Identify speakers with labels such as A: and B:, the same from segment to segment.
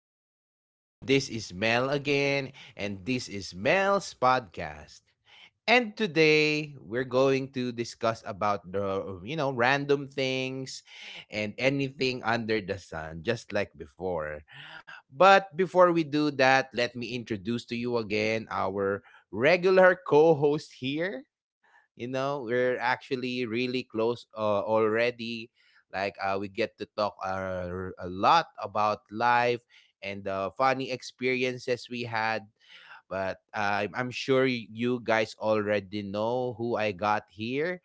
A: today. This is Mel again, and this is Mel's podcast. And today we're going to discuss about the random things and anything under the sun, just like before. But before we do that, let me introduce to you again our regular co-host here, you know, we're actually really close already, like we get to talk a lot about life and the funny experiences we had, but I'm sure you guys already know who I got here.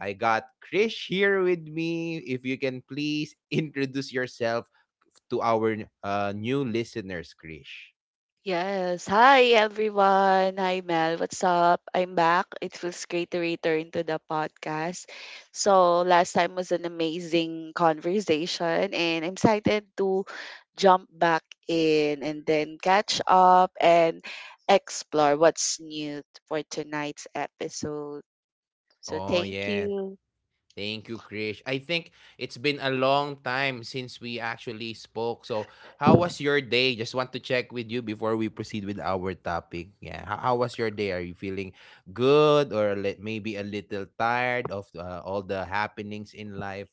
A: I got Krish here with me. If you can please introduce yourself to our new listeners, Krish.
B: Yes. Hi, everyone. Hi, Mel. What's up? I'm back. It feels great to return to the podcast. So, last time was an amazing conversation, and I'm excited to jump back in and then catch up and explore what's new for tonight's episode. So,
A: Oh.
B: thank you.
A: Thank you, Krish. I think it's been a long time since we actually spoke. So, how was your day? Just want to check with you before we proceed with our topic. Yeah, how was your day? Are you feeling good or maybe a little tired of all the happenings in life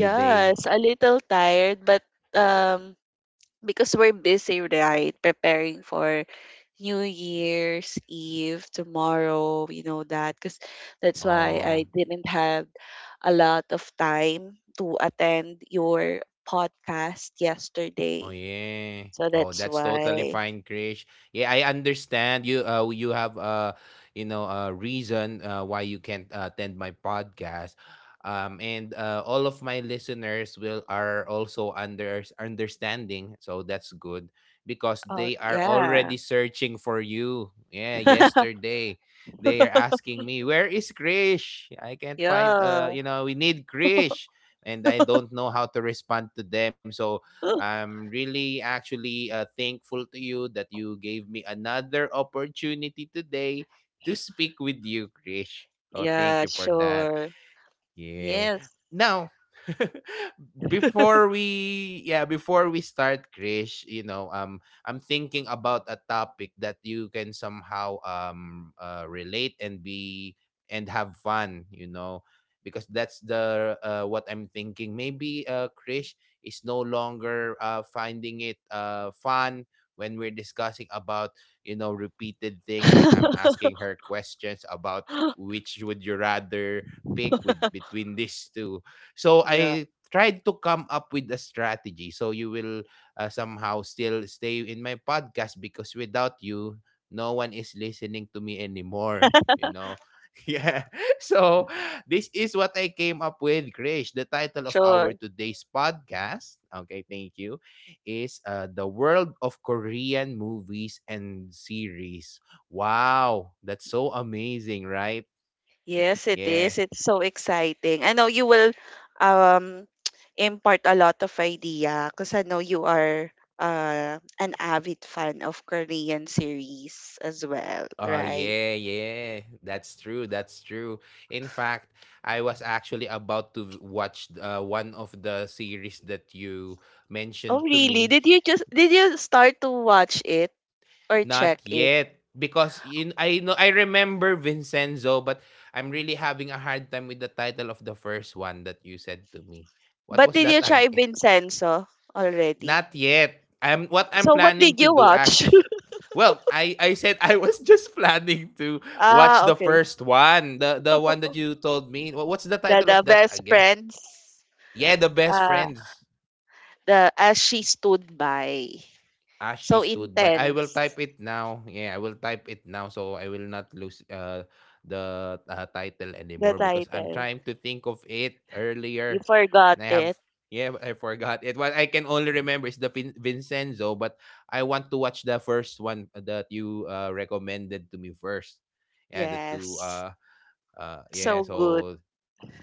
A: today?
B: a little tired, but um because we're busy, right? Preparing for New Year's Eve tomorrow, you know that. Because that's why
A: Oh.
B: I didn't have a lot of time to attend your podcast
A: Oh
B: yesterday.
A: yeah.
B: So
A: Oh,
B: that's
A: that's totally
B: why.
A: fine, Krish. Yeah, I understand you. You have you know, a reason why you can't attend my podcast. And all of my listeners will are also under understanding, so that's good because
B: Oh,
A: they are
B: yeah.
A: already searching for you. Yeah, yesterday they are asking me, "Where is Krish? I can't find.
B: Yeah.
A: You know, we need Krish." And I don't know how to respond to them. So I'm really actually thankful to you that you gave me another opportunity today to speak with you, Krish. Oh, thank
B: Yeah,
A: you for that.
B: sure.
A: Yeah.
B: Yes,
A: Now, before we start, Krish, I'm thinking about a topic that you can somehow relate and be and have fun, you know, because that's the what I'm thinking. Maybe Krish is no longer finding it fun when we're discussing about, you know, repeated things like I'm asking her questions about which would you rather pick with between these two. So I tried to come up with a strategy so you will somehow still stay in my podcast because without you no one is listening to me anymore, Yeah. So this is what I came up with, Krish. The title of our
B: sure.
A: today's podcast, okay, thank you, is The World of Korean Movies and Series. Wow, that's so amazing, right?
B: Yes, it
A: Yeah.
B: is. It's so exciting. I know you will um impart a lot of idea because I know you are an avid fan of Korean series as well,
A: Oh,
B: right?
A: yeah, yeah. That's true. That's true. In fact, I was actually about to watch one of the series that you
B: Oh,
A: mentioned to
B: really?
A: me.
B: Did you start to watch it or
A: Not
B: check it?
A: yet, because I know I remember Vincenzo, but I'm really having a hard time with the title of the first one that you said to me. What
B: But
A: was
B: did
A: that
B: you try
A: again?
B: Vincenzo already?
A: Not yet. I'm What I'm
B: So what
A: planning
B: did
A: to
B: you
A: do
B: watch?
A: actually. Well, I said I was just planning to watch
B: Ah,
A: the
B: okay.
A: first one, the one that you told me. What's the
B: The
A: title of
B: the
A: that
B: best
A: again?
B: friends.
A: Yeah, the best
B: Uh,
A: friends.
B: the as she stood by.
A: As
B: So
A: she stood by. I will
B: intense.
A: type it now. Yeah, I will type it now so I will not lose the title
B: The
A: anymore because I'm
B: title.
A: trying to think of it
B: You
A: earlier.
B: forgot
A: And I have,
B: it.
A: yeah, I forgot it. What I can only remember is the Vincenzo, but I want to watch the first one that you recommended to me first. Yeah, the two,
B: Yes.
A: yeah,
B: So good.
A: so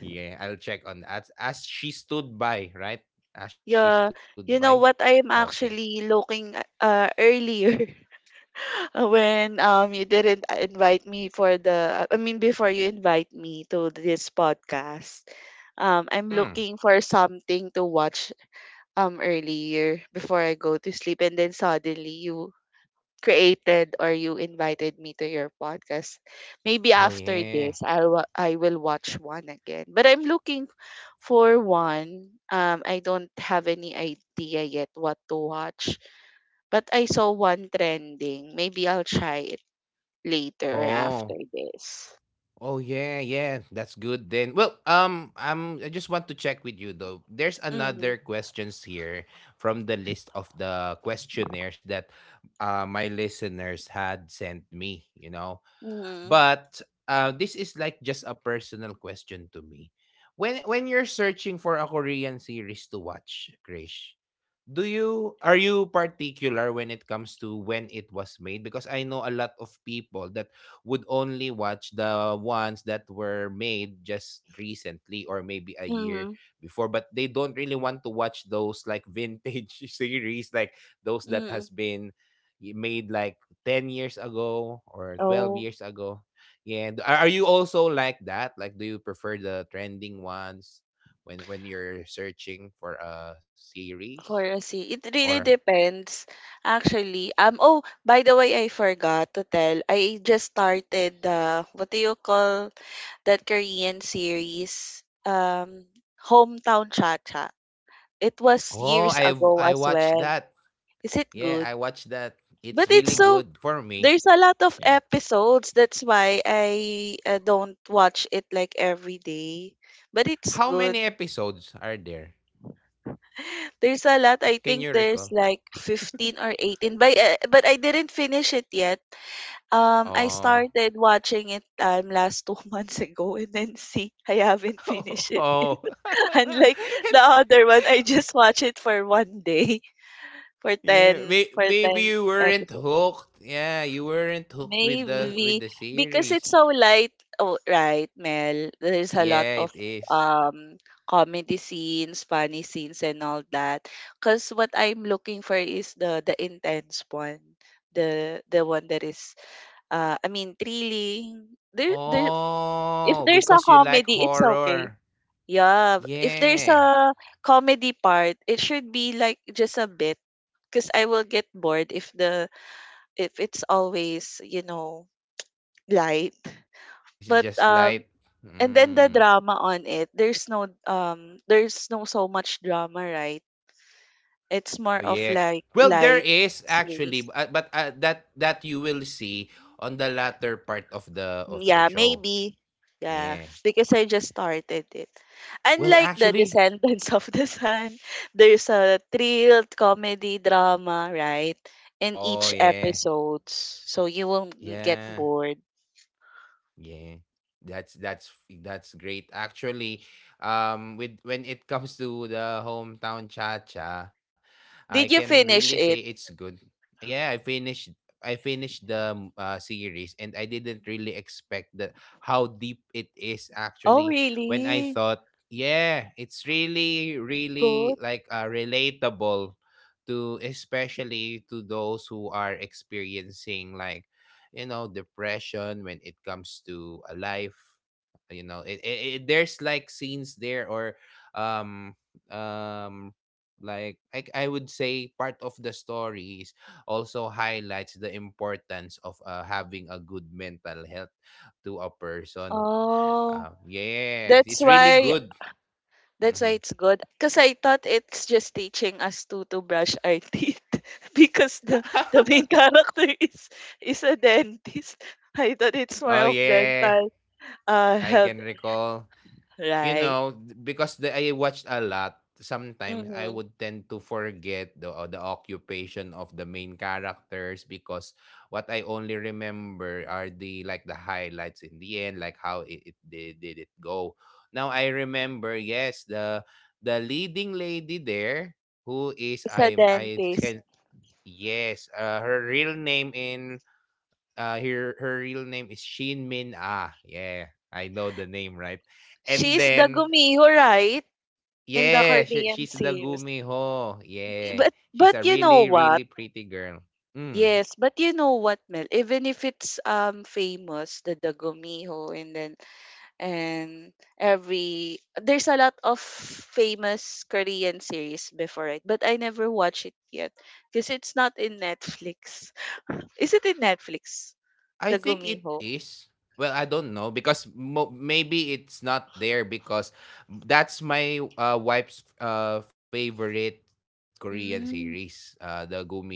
A: yeah, I'll check on as she stood by, right? As she
B: Yeah.
A: stood by.
B: You know what? I'm
A: Okay.
B: actually looking earlier when you didn't invite me for the I mean before you invite me to this podcast. I'm
A: Mm.
B: looking for something to watch earlier before I go to sleep and then suddenly you created or you invited me to your podcast. Maybe
A: Oh
B: after
A: yeah.
B: this, I will watch one again. But I'm looking for one. I don't have any idea yet what to watch. But I saw one trending. Maybe I'll try it later or
A: Oh.
B: after this.
A: Oh yeah, yeah. That's good then. Well, I just want to check with you though. There's
B: Mm-hmm.
A: another questions here from the list of the questionnaires that my listeners had sent me, you know.
B: Mm-hmm.
A: But this is like just a personal question to me. When you're searching for a Korean series to watch, Krish, do you are you particular when it comes to when it was made? Because I know a lot of people that would only watch the ones that were made just recently or maybe a year
B: Mm-hmm.
A: before, but they don't really want to watch those like vintage series, like those that has been made like 10 years ago or 12
B: Mm-hmm.
A: years ago. Yeah. Are you also like that? Like do you prefer the trending ones when you're searching for a series
B: For a sea, it
A: or
B: really depends. Actually, oh, by the way, I forgot to tell. I just started the what do you call that Korean series? Hometown Cha Cha. It was
A: oh, I
B: years
A: I
B: ago as
A: watched that.
B: well. Is it
A: Yeah, I
B: good?
A: watched that. It's
B: But
A: really
B: it's so
A: good for me.
B: there's a lot of
A: Yeah.
B: episodes. That's why I don't watch it like every day. But it's
A: How many
B: good.
A: episodes are there?
B: There's a lot. I
A: Can
B: think
A: you
B: there's
A: recall?
B: like 15 or 18. But I didn't finish it yet. I
A: Oh.
B: started watching it last 2 months ago and then see I haven't finished it.
A: Oh.
B: Unlike the
A: and.
B: other one, I just watch it for one day for
A: Yeah,
B: 10 for
A: maybe
B: 10
A: you weren't
B: episodes.
A: hooked. Yeah, you weren't hooked with the
B: Maybe because
A: series.
B: it's so light, oh, right, Mel? There's a lot
A: Yeah,
B: of
A: it is.
B: um comedy scenes, funny scenes, and all that. Because what I'm looking for is the intense one, the one that is, I mean, thrilling. There, there. If
A: Oh,
B: there's a
A: because you like
B: comedy, it's okay.
A: horror.
B: Yeah, if there's
A: Yeah,
B: a comedy part, it should be like just a bit. Because I will get bored if the if it's always light.
A: it's
B: But
A: just like.
B: and then the
A: Mm.
B: drama on it, there's no so much drama, right? It's more
A: Oh
B: of
A: yeah.
B: like
A: Well, there
B: light
A: is actually,
B: series.
A: bu- but that that you will see on the latter part of the
B: Yeah,
A: show.
B: maybe. Yeah,
A: Yeah.
B: because I just started it.
A: Well,
B: Unlike the
A: actually.
B: Descendants of the Sun, there's a thrill, comedy, drama, right? In
A: Oh
B: each
A: yeah.
B: episode. So you won't get
A: Yeah.
B: bored.
A: Yeah. That's that's that's great. Actually, with when it comes to the Hometown Cha-Cha, I
B: Did you
A: can really
B: finish
A: say
B: it?
A: it's good. Yeah, I finished the series and I didn't really expect that how deep it is
B: Oh,
A: actually when I
B: really?
A: thought, yeah, it's really really
B: Good.
A: like relatable to especially to those who are experiencing like you know depression when it comes to a life you know it there's like scenes there or um um like I would say part of the stories also highlights the importance of having a good mental health to a person
B: Oh,
A: yeah
B: that's
A: it's really
B: why
A: good.
B: That's why
A: Hmm.
B: it's good. Because I thought it's just teaching us to brush our teeth because the main character is a dentist. I thought it's more
A: Oh
B: of
A: yeah,
B: dental
A: I
B: health,
A: can recall. You
B: right?
A: know, because I watched a lot, sometimes I
B: Mm-hmm.
A: would tend to forget the occupation of the main characters because what I only remember are the like the highlights in the end, like how it, it they did it go. Now I remember, yes, the leading lady there who is
B: It's a
A: I
B: dentist.
A: can yes, her real name in her real name is Shin Min Ah. Yeah, I know the name, right? And
B: She's the
A: then
B: gumiho, right? In the
A: yeah,
B: Korean
A: she's the
B: series.
A: Gumiho. Yeah,
B: But
A: she's
B: but
A: a
B: you know
A: really,
B: what?
A: really pretty girl. Mm,
B: Yes, but you know what, Mel? Even if it's famous, the gumiho and then and every there's a lot of famous Korean series before it, but I never watch it yet because it's not in Netflix. Is it in Netflix?
A: I
B: The
A: think it
B: Gumiho.
A: is. Well, I don't know because maybe it's not there because that's my wife's favorite Korean series,
B: Mm.
A: the Gumiho.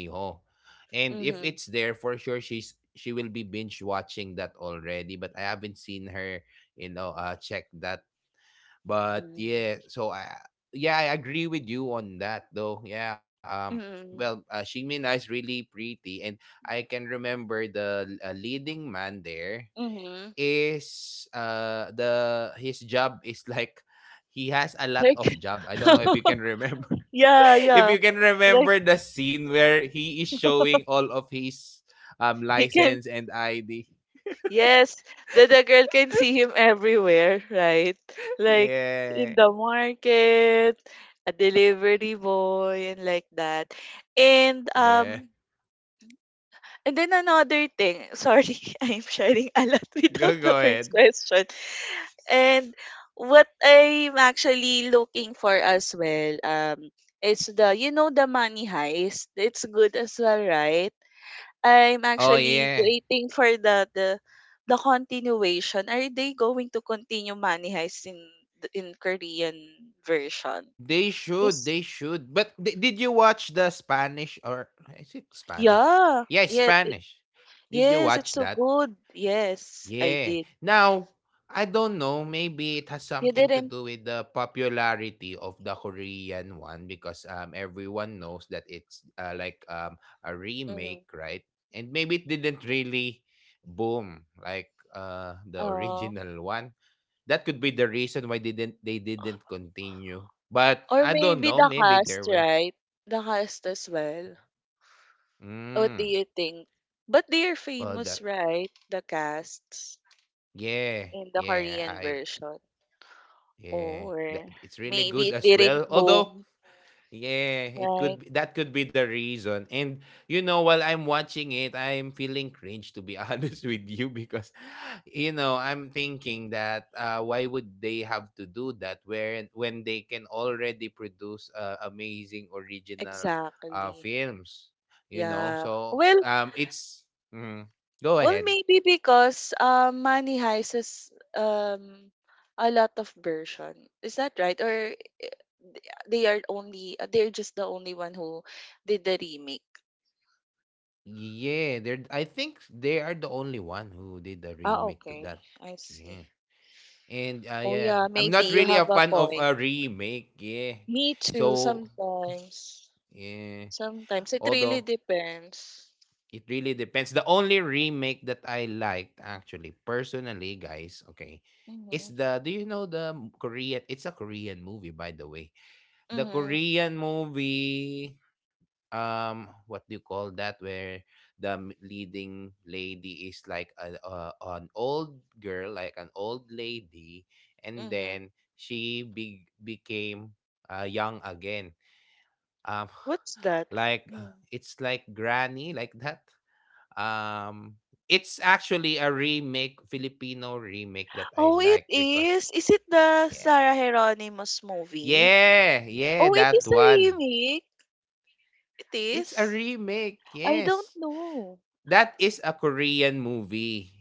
A: And if it's
B: Mhm.
A: there for sure, she will be binge watching that already. But I haven't seen her, you know, check that. But
B: Mm.
A: yeah, so I yeah, I agree with you on that though. Yeah, well,
B: Mhm.
A: Shimina is really pretty and I can remember the leading man there
B: Mhm.
A: is the his job is like he has a lot of
B: Like
A: job. I don't know if you can remember.
B: yeah,
A: If
B: yeah.
A: you can
B: Like
A: remember the scene where he is showing all of his
B: he can
A: license and ID.
B: Yes, the girl can see him everywhere, right? Like in
A: Yeah.
B: the market, a delivery boy, and like that. And
A: Yeah.
B: um, and then another thing. Sorry, I'm sharing a lot without
A: Go
B: the
A: go
B: first
A: ahead.
B: question. And what I'm actually looking for as well, is the you know the Money Heist. It's good as well, right? I'm
A: Oh
B: actually
A: yeah.
B: waiting for the continuation. Are they going to continue Money Heist in in Korean version?
A: They should,
B: Cause,
A: they should. But di did you watch the Spanish or is it Spanish?
B: yeah,
A: Yeah,
B: yeah,
A: Spanish. Did you
B: yes, it's
A: watch
B: so
A: that?
B: good. Yes, I
A: Yeah.
B: did.
A: Now, I don't know, maybe it has
B: You
A: something to
B: didn't.
A: do with the popularity of the Korean one because everyone knows that it's like a
B: Mm,
A: remake, right? And maybe it didn't really boom like the
B: uh,
A: original one. That could be the reason why they didn't continue. But
B: or
A: I don't
B: maybe
A: know.
B: the
A: Maybe there
B: cast,
A: will.
B: right? The cast as well. What do
A: Mm,
B: you think? But they are
A: well,
B: famous,
A: that
B: right? The casts
A: yeah,
B: in the
A: yeah,
B: Korean
A: I
B: version,
A: yeah, that
B: or
A: it's really
B: maybe
A: good
B: it
A: as
B: didn't
A: well. Although
B: boom.
A: yeah, it
B: Right,
A: could be, that could be the reason. And you know, while I'm watching it, I'm feeling cringe to be honest with you because you know I'm thinking that why would they have to do that where when they can already produce amazing original
B: exactly.
A: films you know
B: Yeah.
A: so
B: Well,
A: it's mhm. Go ahead.
B: maybe because Money Heist is um a lot of version. Is that right? Or they are only they're just the only one who did the remake.
A: Yeah, they're I think they are the only one who did a
B: Ah,
A: remake to
B: okay.
A: that.
B: I see.
A: Yeah. And
B: Oh
A: yeah,
B: yeah,
A: I'm
B: maybe
A: not
B: you
A: really a
B: have a
A: fan of
B: point.
A: a remake. Yeah,
B: Me too.
A: so
B: Sometimes,
A: yeah,
B: sometimes it
A: although
B: really depends.
A: it really depends. The only remake that I liked actually personally, guys, okay,
B: Mhm.
A: is the do you know the Korean, it's a Korean movie by the way. The
B: Mhm.
A: Korean movie what do you call that where the leading lady is like an old girl like an old lady and
B: Mhm.
A: then became young again um
B: What's that?
A: like
B: Hmm.
A: it's like granny like that. Um, it's actually a remake, Filipino remake that I
B: Oh, it
A: like because
B: is. Is it the
A: yeah.
B: Sarah Hieronymus movie?
A: Yeah, yeah,
B: Oh, it
A: that
B: is a
A: one.
B: remake. It
A: It's a
B: is.
A: remake,
B: I don't
A: yes.
B: know.
A: That is a Korean movie,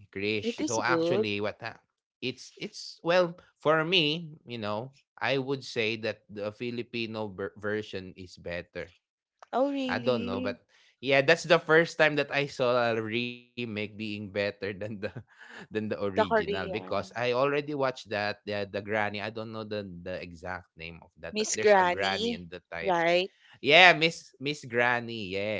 B: It
A: Krish.
B: is
A: So
B: good.
A: actually what ha- it's well, for me, you know, I would say that the Filipino version is better.
B: Oh,
A: I don't know, but
B: really?
A: yeah, that's the first time that I saw a remake being better than the than the
B: The
A: original because I
B: Korean.
A: already watched that the granny. I don't know the exact name of that, but
B: Miss
A: there's a granny
B: Granny,
A: in the title.
B: right?
A: Yeah, Miss Granny. Yeah.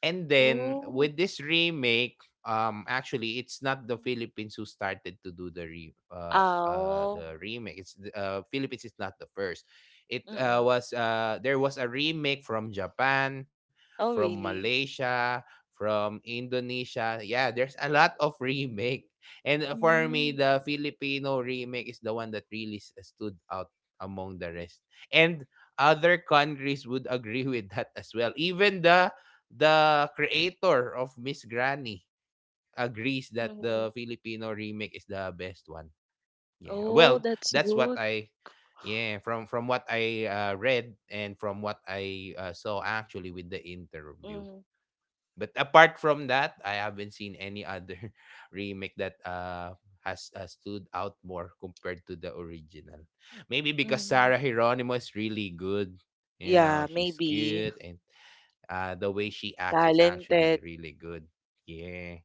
A: And then
B: Oh.
A: with this remake, actually, it's not the Philippines who started to do the re
B: Oh.
A: the remake. Philippines is not the first. It
B: Mm-mm.
A: was There was a remake from Japan,
B: Oh,
A: from
B: really?
A: Malaysia, from Indonesia. Yeah, there's a lot of remake. And For
B: Mm,
A: me, the Filipino remake is the one that really stood out among the rest. And other countries would agree with that as well. Even the creator of Miss Granny agrees that the
B: mm.
A: Filipino remake is the best one. Yeah.
B: Oh,
A: Well,
B: that's
A: that's what
B: good.
A: I yeah, from what I read and from what I saw actually with the interview.
B: Mm,
A: But apart from that, I haven't seen any other remake that has stood out more compared to the original. Maybe because
B: mm.
A: Sarah Hieronimo is really good. You
B: Yeah,
A: know, she's
B: maybe.
A: cute and the way she acts is actually
B: Talented.
A: really good. Yeah.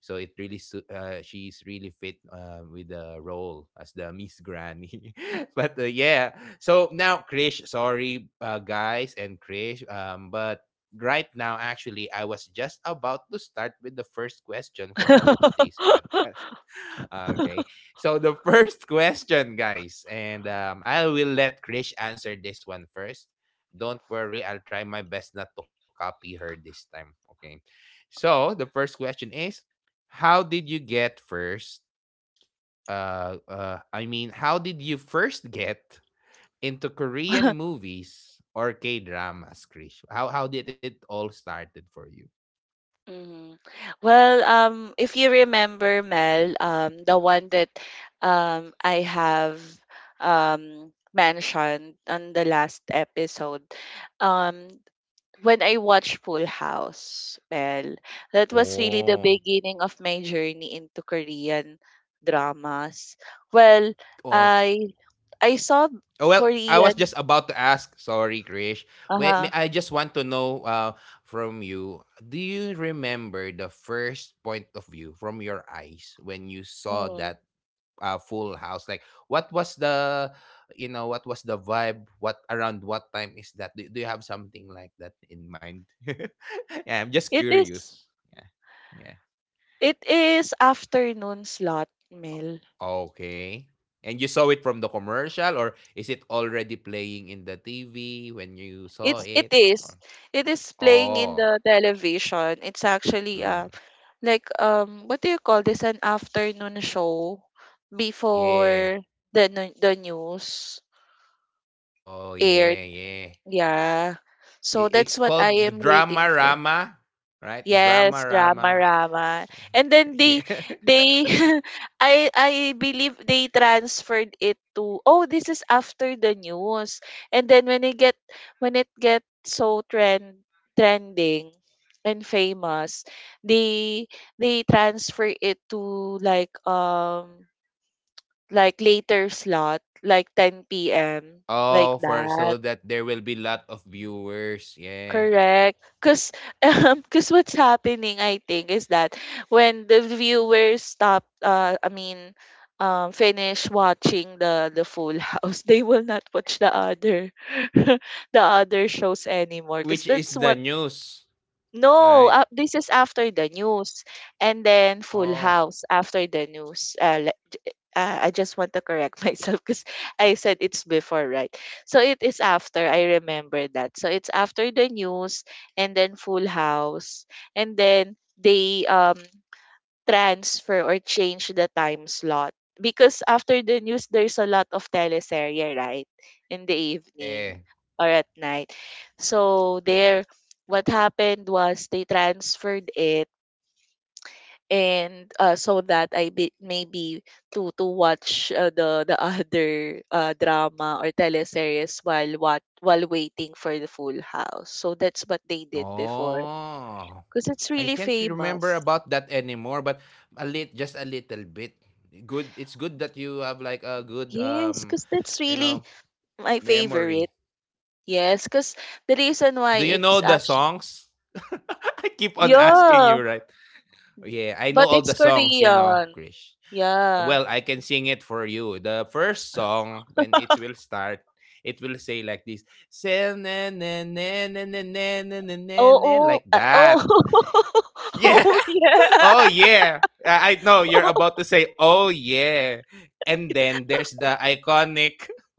A: So it really she's really fit with the role as the Miss Granny. But yeah, so now Krish, sorry guys and Krish, but right now actually I was just about to start with the first question for our today's podcast. Okay, so the first question, guys, and I will let Krish answer this one first. Don't worry, I'll try my best not to copy her this time. Okay. So the first question is how did you get first I mean how did you first get into Korean movies or K-dramas, Krish? How did it all started for you?
B: Mhm. Well, if you remember, Mel, the one that I have mentioned on the last episode, um, when I watched Full House, Mel, that was really the
A: Oh.
B: beginning of my journey into Korean dramas. Well,
A: Oh.
B: I I saw
A: Oh, well, I was just
B: Korean.
A: about to ask. Sorry, Krish. Wait,
B: Uh-huh.
A: I just want to know from you. Do you remember the first point of view from your eyes when you saw
B: Mm.
A: that Full House? Like, what was the, you know, what was the vibe? What, around what time is that? Do you have something like that in mind? Yeah, I'm just
B: It is
A: curious. Yeah. Yeah.
B: it is afternoon slot, Mel.
A: Okay, and you saw it from the commercial, or is it already playing in the TV when you saw
B: It's it
A: it? Or?
B: is. It is playing in
A: Oh.
B: the television. It's actually
A: Mm,
B: like what do you call this? An afternoon show
A: yeah.
B: before the news
A: Oh,
B: aired.
A: yeah, yeah.
B: Yeah. So that's
A: It's
B: what I
A: called the
B: am waiting
A: drama
B: for.
A: rama, right? Drama
B: Yes, drama,
A: rama.
B: drama. And then
A: Yeah.
B: they I believe they transferred it to oh this is after the news. And then when it get so trending and famous, they they transfer it to like later slot, like 10 p.m. like
A: Oh, for so
B: that.
A: that there will be lot of viewers, yeah.
B: Correct. Because cause what's happening, I think, is that when the viewers stop, I mean, finish watching the Full House, they will not watch the other the other shows anymore. Because
A: Which
B: that's
A: is the
B: what
A: news,
B: No,
A: right?
B: this is after the news, and then Full
A: Oh,
B: House after the news. I just want to correct myself because I said it's before, right? So it is after. I remember that. So it's after the news and then Full House, and then they transfer or change the time slot because after the news there's a lot of teleserye, right? In the evening
A: yeah.
B: or at night. So there, what happened was they transferred it and so that maybe to watch the other drama or teleseries while waiting for the Full House. So that's what they did before
A: Oh,
B: because it's
A: I
B: really
A: can't remember
B: famous.
A: about that anymore, but just a little bit. Good. It's good that you have like a good
B: Yes, because that's
A: you
B: really
A: know,
B: my
A: memory.
B: favorite. Yes, because the reason
A: Do
B: why
A: you know
B: it's
A: the
B: actually
A: songs? I keep on asking
B: yeah,
A: you, right? Yeah, I know
B: but
A: all
B: it's
A: the songs, you know,
B: Korean.
A: Krish.
B: Yeah.
A: Well, I can sing it for you. The first song when it will start, it will say like this, "Se- na- na- na- na- na- na- na- na- na-
B: Oh,
A: na,"
B: oh,
A: like that.
B: oh,
A: Yeah.
B: oh, yeah.
A: Oh yeah. I know you're about to say oh yeah. And then there's the iconic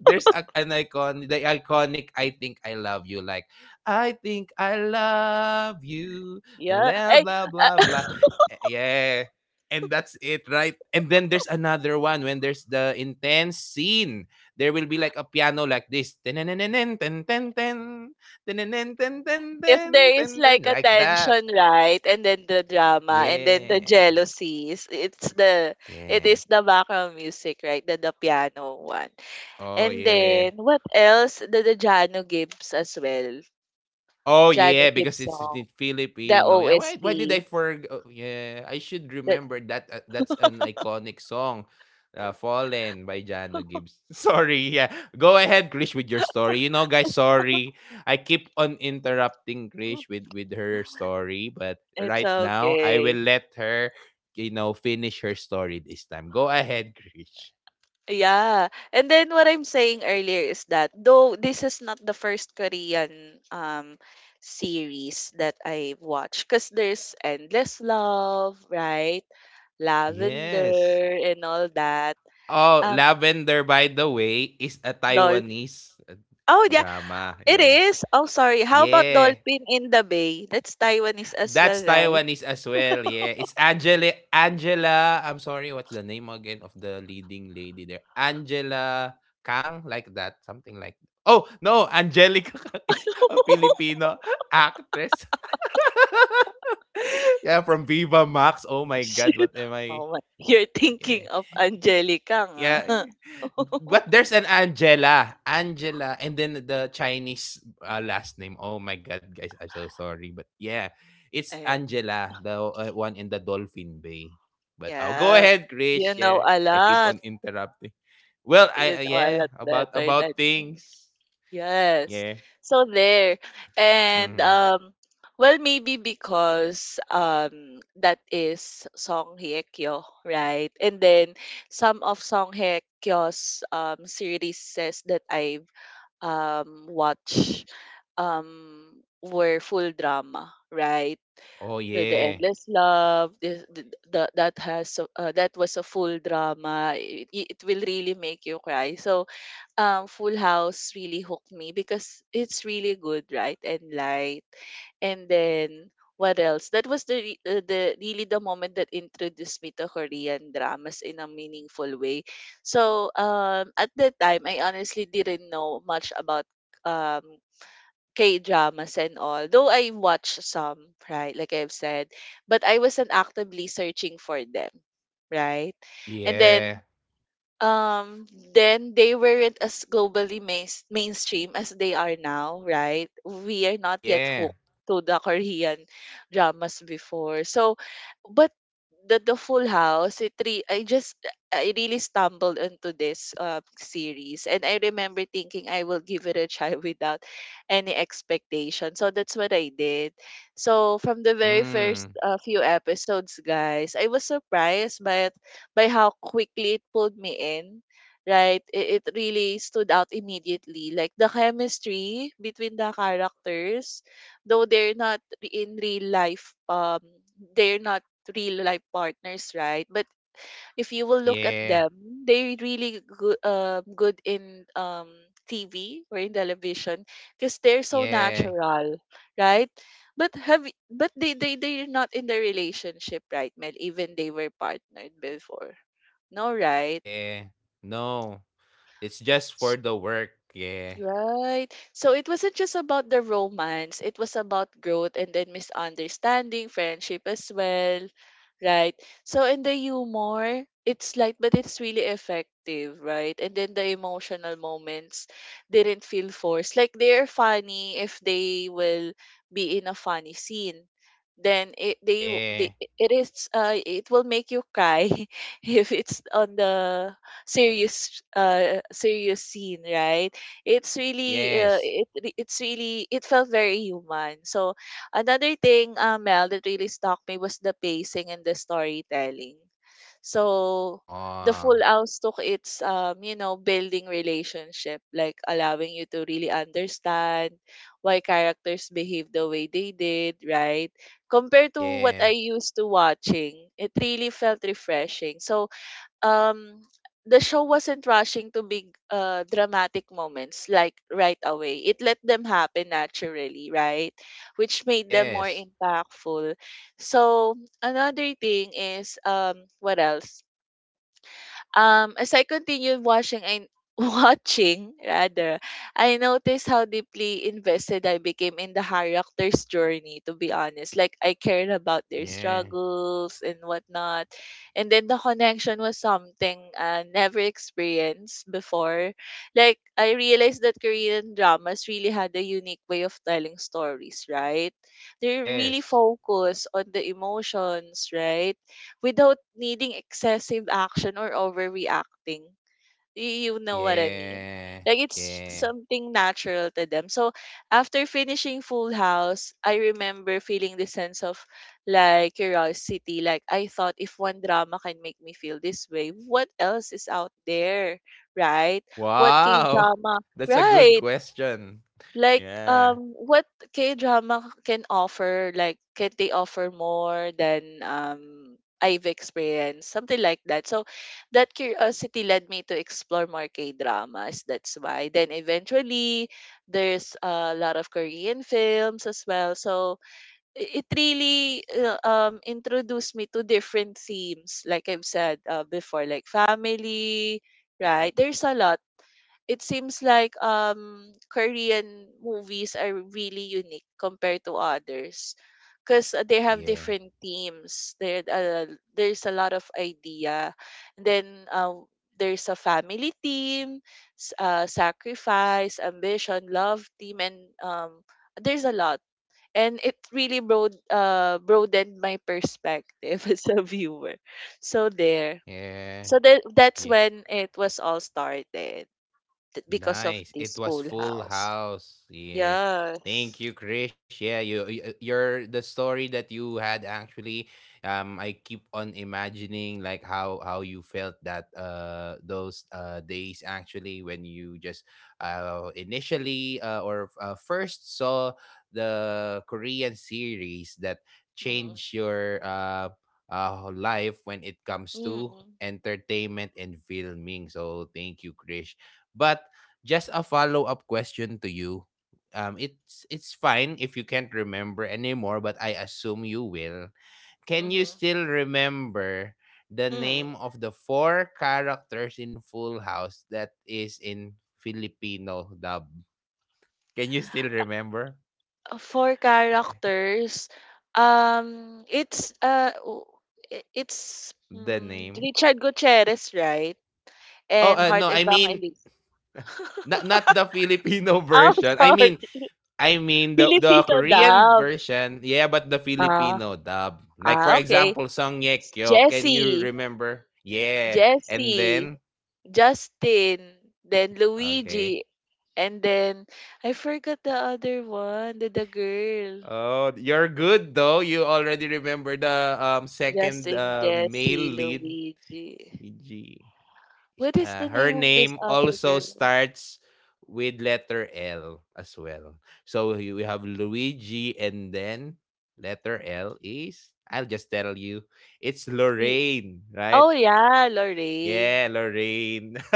A: there's a, an icon the iconic I think I love you, like I think I love you,
B: Yeah.
A: blah
B: I,
A: blah blah blah. Eh, yeah, and that's it, right? And then there's another one when there's the intense scene, there will be like a piano like this, ten ten ten ten, ten ten ten,
B: if
A: ten
B: there is
A: ten,
B: like a
A: like that.
B: tension, right, and then the drama, and then the
A: Yeah.
B: jealousies, it's the it
A: Yeah.
B: is the background music, right, the piano one.
A: Oh
B: And
A: yeah.
B: then what else? The Jano Gibbs as well,
A: Oh yeah,
B: Jano
A: because
B: Gibbs
A: it's the
B: song, the
A: Filipino. Yeah, why did
B: OST.
A: I forg? Oh, yeah, I should
B: That
A: remember that. That's an iconic song, "Fallen" by Jano Gibbs. Sorry, yeah. Go ahead, Krish, with your story. You know, guys, sorry, I keep on interrupting Krish with her story, but
B: it's
A: right now I
B: okay.
A: will let her, you know, finish her story this time. Go ahead, Krish.
B: Yeah. And then what I'm saying earlier is that though this is not the first Korean series that I've watched because there's Endless Love, right?
A: Yes.
B: Lavender and all that.
A: Oh,
B: Um
A: Lavender, by the way, is a
B: Dol
A: Taiwanese
B: Oh yeah,
A: drama.
B: it
A: Yeah.
B: is. Oh sorry. How about
A: Yeah.
B: Dolphin in the Bay? That's Taiwanese as well,
A: That's
B: right?
A: Taiwanese as well. Yeah. It's Angela, I'm sorry, what's the name again of the leading lady there? Angela Kang, like that, something like. Oh, no, Angelica Kang is a Filipino actress. Yeah, from Viva Max. Oh my
B: Shoot.
A: god, what am I?
B: Oh my. You're thinking
A: Yeah.
B: of Angelica nga.
A: Yeah. But there's an Angela. Angela. And then the Chinese last name. Oh my God, guys. I'm so sorry. But yeah, it's
B: Ay,
A: Angela, the one in the Dolphin Bay. But oh, go
B: yeah.
A: ahead,
B: You
A: Krish.
B: know
A: Yeah.
B: a
A: I keep
B: lot.
A: on interrupting. Well, I,
B: You know a
A: yeah,
B: lot
A: about,
B: better than me.
A: things.
B: Yes.
A: Yeah.
B: So there. And
A: Hmm.
B: well maybe because that is Song Hye Kyo, right? And then some of Song Hye Kyo's series that I've watched um were full drama, right?
A: Oh,
B: The
A: yeah.
B: Endless Love this the that has a- that was a full drama it will really make you cry so Full House really hooked me because it's really good, right? And light. And then what else? That was the really the moment that introduced me to Korean dramas in a meaningful way. So, at that time I honestly didn't know much about um K dramas and all, though I watched some, right? Like I've said, but I wasn't actively searching for them, right? And
A: Yeah.
B: um then they weren't as globally mainstream as they are now, right? We are not yet
A: Yeah.
B: hooked to the Korean dramas before, so but the Full House it re- I just I really stumbled into this series and I remember thinking I will give it a try without any expectation so that's what I did so from the very first
A: Mm.
B: few episodes guys I was surprised by how quickly it pulled me in. Right? It really stood out immediately. Like the chemistry between the characters, though they're not re- in real life, they're not real life partners, right? But if you will look at
A: Yeah.
B: them, they really good, good in TV or in television because they're so
A: Yeah.
B: natural, right? But but they're not in the relationship, right, Mel? Even they were partnered before, no, right?
A: Yeah. No. It's just for the work. Yeah.
B: Right. So it wasn't just about the romance, it was about growth and then misunderstanding, friendship as well. Right. So in the humor, it's light but it's really effective, right? And then the emotional moments didn't feel forced. Like they're funny if they will be in a funny scene. Then it they, w- they
A: Yeah.
B: it is it will make you cry if it's on the serious serious scene, right? It's really
A: Yes.
B: it's really it felt very human. So another thing, Mel, that really stuck me was the pacing and the storytelling. So the
A: Oh.
B: Full House took its um, building relationship, like allowing you to really understand why characters behave the way they did, right? Compared to what I
A: Yeah.
B: used to watching, it really felt refreshing. So um the show wasn't rushing to big dramatic moments like right away. It let them happen naturally, right? Which made them more
A: Yes.
B: impactful. So another thing is what else? As I continued watching and watching rather, I noticed how deeply invested I became in the characters' journey, to be honest. Like I cared about their
A: Yeah.
B: struggles and whatnot. And then the connection was something I never experienced before. Like I realized that Korean dramas really had a unique way of telling stories, right? They really
A: Yes.
B: focus on the emotions, right? Without needing excessive action or overreacting. You, you know what I mean?
A: Yeah.
B: Like it's
A: Yeah.
B: something natural to them. So after finishing Full House, I remember feeling the sense of like curiosity. Like I thought if one drama can make me feel this way, what else is out there? Right? What K
A: Wow.
B: drama?
A: That's a good
B: Right.
A: question.
B: Like,
A: Yeah.
B: what K-drama can offer, like, can they offer more than I've experienced? Something like that. So that curiosity led me to explore more K-dramas. That's why. Then eventually there's a lot of Korean films as well. So it really introduced me to different themes, like I've said before, like family, right? There's a lot. It seems like Korean movies are really unique compared to others because they have
A: Yeah.
B: different themes. There, there's a lot of idea. And then there's a family theme, sacrifice, ambition, love theme, and um, there's a lot. And it really broadened my perspective as a viewer. So there.
A: Yeah.
B: So that's
A: Yeah.
B: when it was all started, because of
A: Nice.
B: this
A: It was
B: Pool
A: Full
B: House.
A: House. Yeah. Thank
B: Yes.
A: you, Krish. Yeah, you're the story that you had actually. I keep on imagining like how you felt that those days actually when you just initially or first saw the Korean series that
B: Mm-hmm.
A: changed your life when it comes to
B: Mm-hmm.
A: entertainment and filming. So thank you, Krish. But just a follow-up question to you. It's fine if you can't remember anymore, but I assume you will. Can you
B: Mm-hmm.
A: still remember the
B: Mm.
A: name of the four characters in Full House that is in Filipino dub? Can you still remember?
B: For
A: Yeah,
B: characters, it's w- I- it's
A: the
B: mm,
A: name.
B: Richard Gutierrez, right?
A: Oh,
B: And
A: no,
B: Heart
A: I mean,
B: Evangelist.
A: not the Filipino
B: Oh,
A: version.
B: sorry.
A: I mean the
B: Filipino
A: Korean
B: dub.
A: version, yeah, but the
B: Ah,
A: Filipino dub. Like for
B: okay.
A: example, Song Ye Kyo. Can you
B: Jesse.
A: remember? Yeah. And
B: Jesse.
A: then
B: Justin, then Luigi,
A: okay.
B: and then I forgot the other one, the girl.
A: Oh, you're good though. You already remember the second
B: Justin, Jesse,
A: male lead.
B: Luigi.
A: G. G.
B: What is the
A: Her
B: name of this
A: name
B: other
A: also
B: girl?
A: starts with letter L as well. So we have Luigi and then letter L is, I'll just tell you, it's
B: L-
A: Lorraine, right?
B: Oh yeah,
A: Yeah,
B: Lorraine.
A: Lorraine.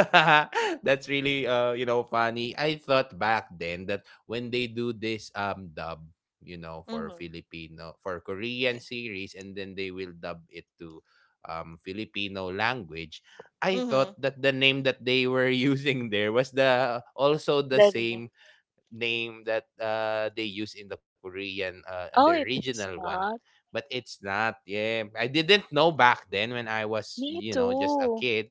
A: That's really you know, funny. I thought back then that when they do this dub, you know, for
B: Mm-hmm.
A: Filipino, for
B: Yeah.
A: Korean series, and then they will dub it to Filipino language, I
B: Mm-hmm.
A: thought that the name that they were using there was the also the
B: Darlene.
A: same name that they use in the Korean and the
B: Oh,
A: original
B: it's
A: one.
B: not.
A: But it's not. Yeah, I didn't know back then when I was,
B: Me
A: you know, just a
B: too.
A: kid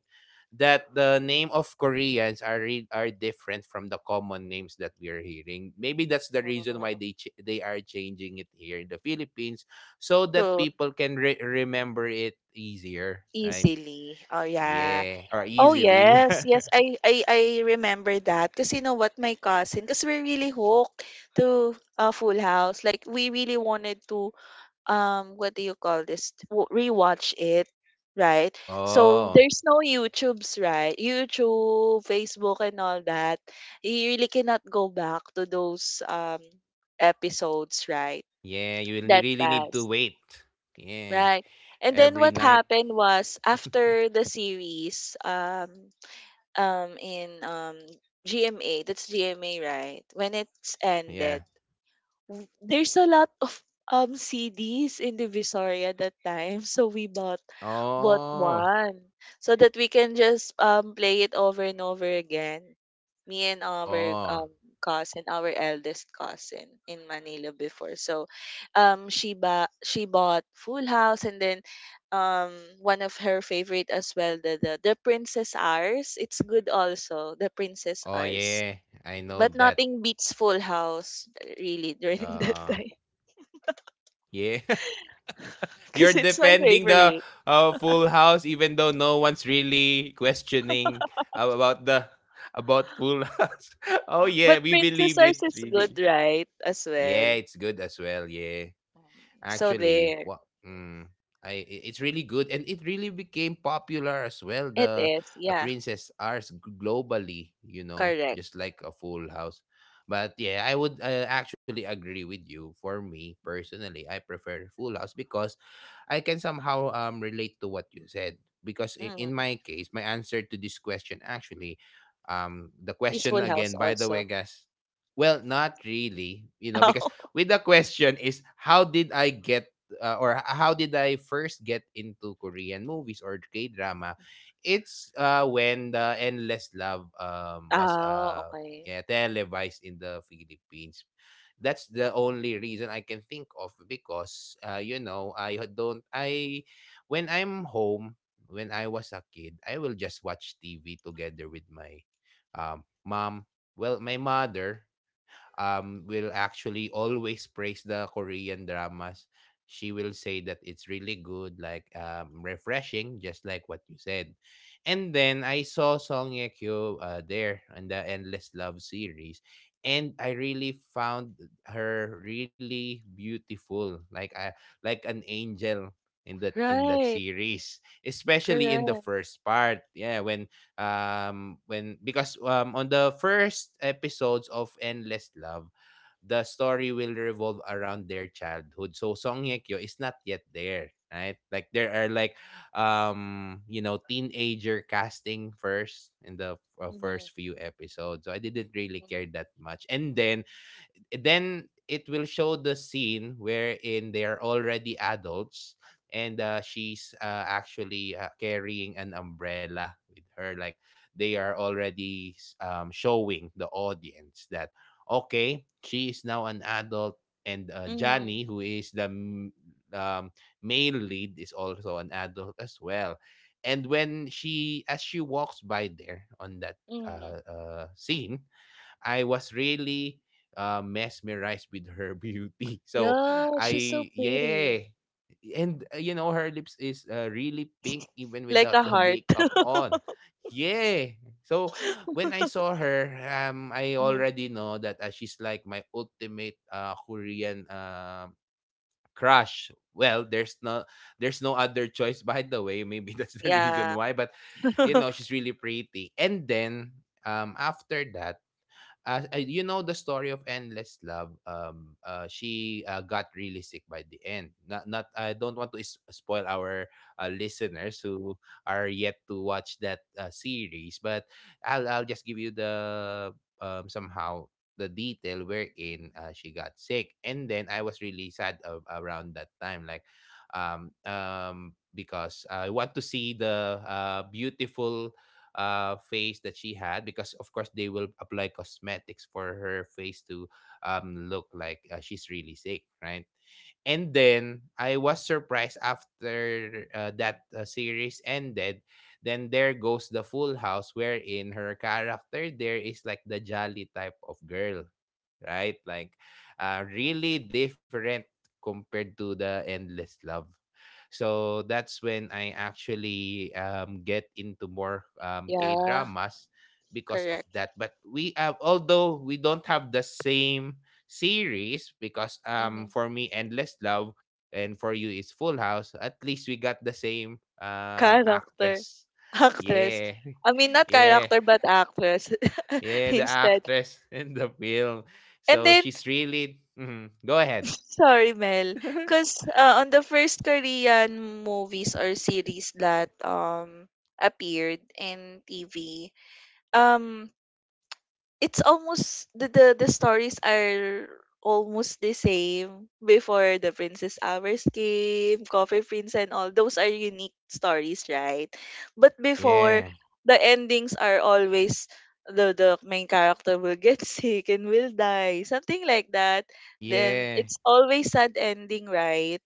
A: that the name of Koreans are are different from the common names that we are hearing. Maybe that's the reason why
B: Mm.
A: they they are changing it here in the Philippines so that
B: So
A: people can remember it easier, right?
B: easily. Oh yeah.
A: Yeah, or
B: Oh
A: easily.
B: yes, yes, I remember that. Cause you know what, my cousin, cause we're really hooked to Full House. Like we really wanted to what do you call this? Rewatch it, right? So
A: Oh,
B: there's no YouTube's, right? YouTube, Facebook, and all that. You really cannot go back to those episodes, right?
A: yeah,
B: That
A: really need to
B: passed,
A: wait. Yeah.
B: right? And then
A: Every
B: what
A: night.
B: happened was after the series, in GMA, that's GMA, right? When it's ended,
A: Yeah.
B: there's a lot of CDs in the Visoria that time, so we bought
A: Oh.
B: one so that we can just play it over and over again. Me and our
A: Oh.
B: cousin, our eldest cousin in Manila before. So, she bought Full House, and then, um, one of her favorite as well the the Princess Ours. It's good also the Princess
A: Oh
B: Ours.
A: yeah. I
B: But
A: know that.
B: nothing beats Full House, really, during that
A: Uh
B: time.
A: yeah. You're
B: Because it's my
A: defending the
B: favorite.
A: Full House even though no one's really questioning about the about Full House. Oh yeah,
B: But
A: we
B: Princess
A: believe
B: Ours
A: it
B: is good,
A: really.
B: right? As
A: Yeah,
B: well.
A: it's good as well. Yeah.
B: So
A: actually
B: there.
A: what mm, I- It's really good and it really became popular as well
B: It
A: the
B: is. Yeah.
A: Princess Ours globally, you know,
B: Correct.
A: just like a Full House. But yeah, I would actually agree with you. For me personally, I prefer Full House because I can somehow relate to what you said because in
B: Mm.
A: my case, my answer to this question actually, the
B: Is
A: question
B: Full House
A: again, by the way,
B: also.
A: guys. Well, not really, you know, because
B: Oh,
A: with the question is how did I get how did I first get into Korean movies or K drama? It's when the Endless Love was
B: oh, okay.
A: yeah, televised in the Philippines. That's the only reason I can think of because you know, I h- don't I when I'm home, when I was a kid, I will just watch TV together with my mom. Well, my mother will actually always praise the Korean dramas. She will say that it's really good, like refreshing, just like what you said. And then I saw Song Ye Kyo there in the Endless Love series, and I really found her really beautiful, like I, like an angel in that,
B: Right.
A: series, especially in the
B: Correct.
A: first part. Yeah, when because on the first episodes of Endless Love, the story will revolve around their childhood, so Song Hye Kyo is not yet there, right? Like there are like you know, teenager casting first in the
B: Mm-hmm.
A: first few episodes, so I didn't really care
B: Mm-hmm.
A: that much. And then it will show the scene wherein they are already adults, and she's actually carrying an umbrella with her, like they are already showing the audience that okay, she is now an adult, and
B: Mm-hmm.
A: Johnny, who is the um, male lead, is also an adult as well. And when she, as she walks by there on that
B: Mm-hmm.
A: scene, I was really mesmerized with her beauty. So
B: Yeah, she's so
A: I
B: pretty.
A: yeah, and you know her lips is really pink even
B: Like
A: without
B: a
A: the
B: heart.
A: makeup on. Yeah. So when I saw her, I
B: Mhm.
A: already know that she's like my ultimate Korean crush. Well, there's no other choice by the way. Maybe that's the reason
B: Yeah.
A: why. But you know, she's really pretty. And then after that as you know the story of Endless Love she got really sick by the end. Not I don't want to spoil our listeners who are yet to watch that series, but I'll just give you the somehow the detail wherein she got sick, and then I was really sad around that time, like because I want to see the beautiful face that she had, because of course they will apply cosmetics for her face to look like she's really sick, right? And then I was surprised after that series ended. Then there goes the Full House, wherein her character there is like the jolly type of girl, right? Like, really different compared to the Endless Love. So that's when I actually get into more K
B: Yeah.
A: dramas because of
B: Correct.
A: that. But we have, although we don't have the same series, because
B: Mm-hmm.
A: for me, Endless Love, and for you is Full House, at least we got the same
B: Character,
A: actress.
B: actress.
A: Yeah,
B: I mean, not
A: yeah,
B: character, but actress
A: yeah, the
B: instead.
A: actress in the film.
B: And
A: So
B: then,
A: she's really, mhm. Go ahead.
B: sorry, Mel, because on the first Korean movies or series that appeared in TV, um, it's almost the stories are almost the same. Before the Princess Hours came, Coffee Prince, and all those are unique stories, right? But before,
A: Yeah,
B: the endings are always the main character will get sick and will die, something like that. Then
A: yeah,
B: it's always sad ending, right?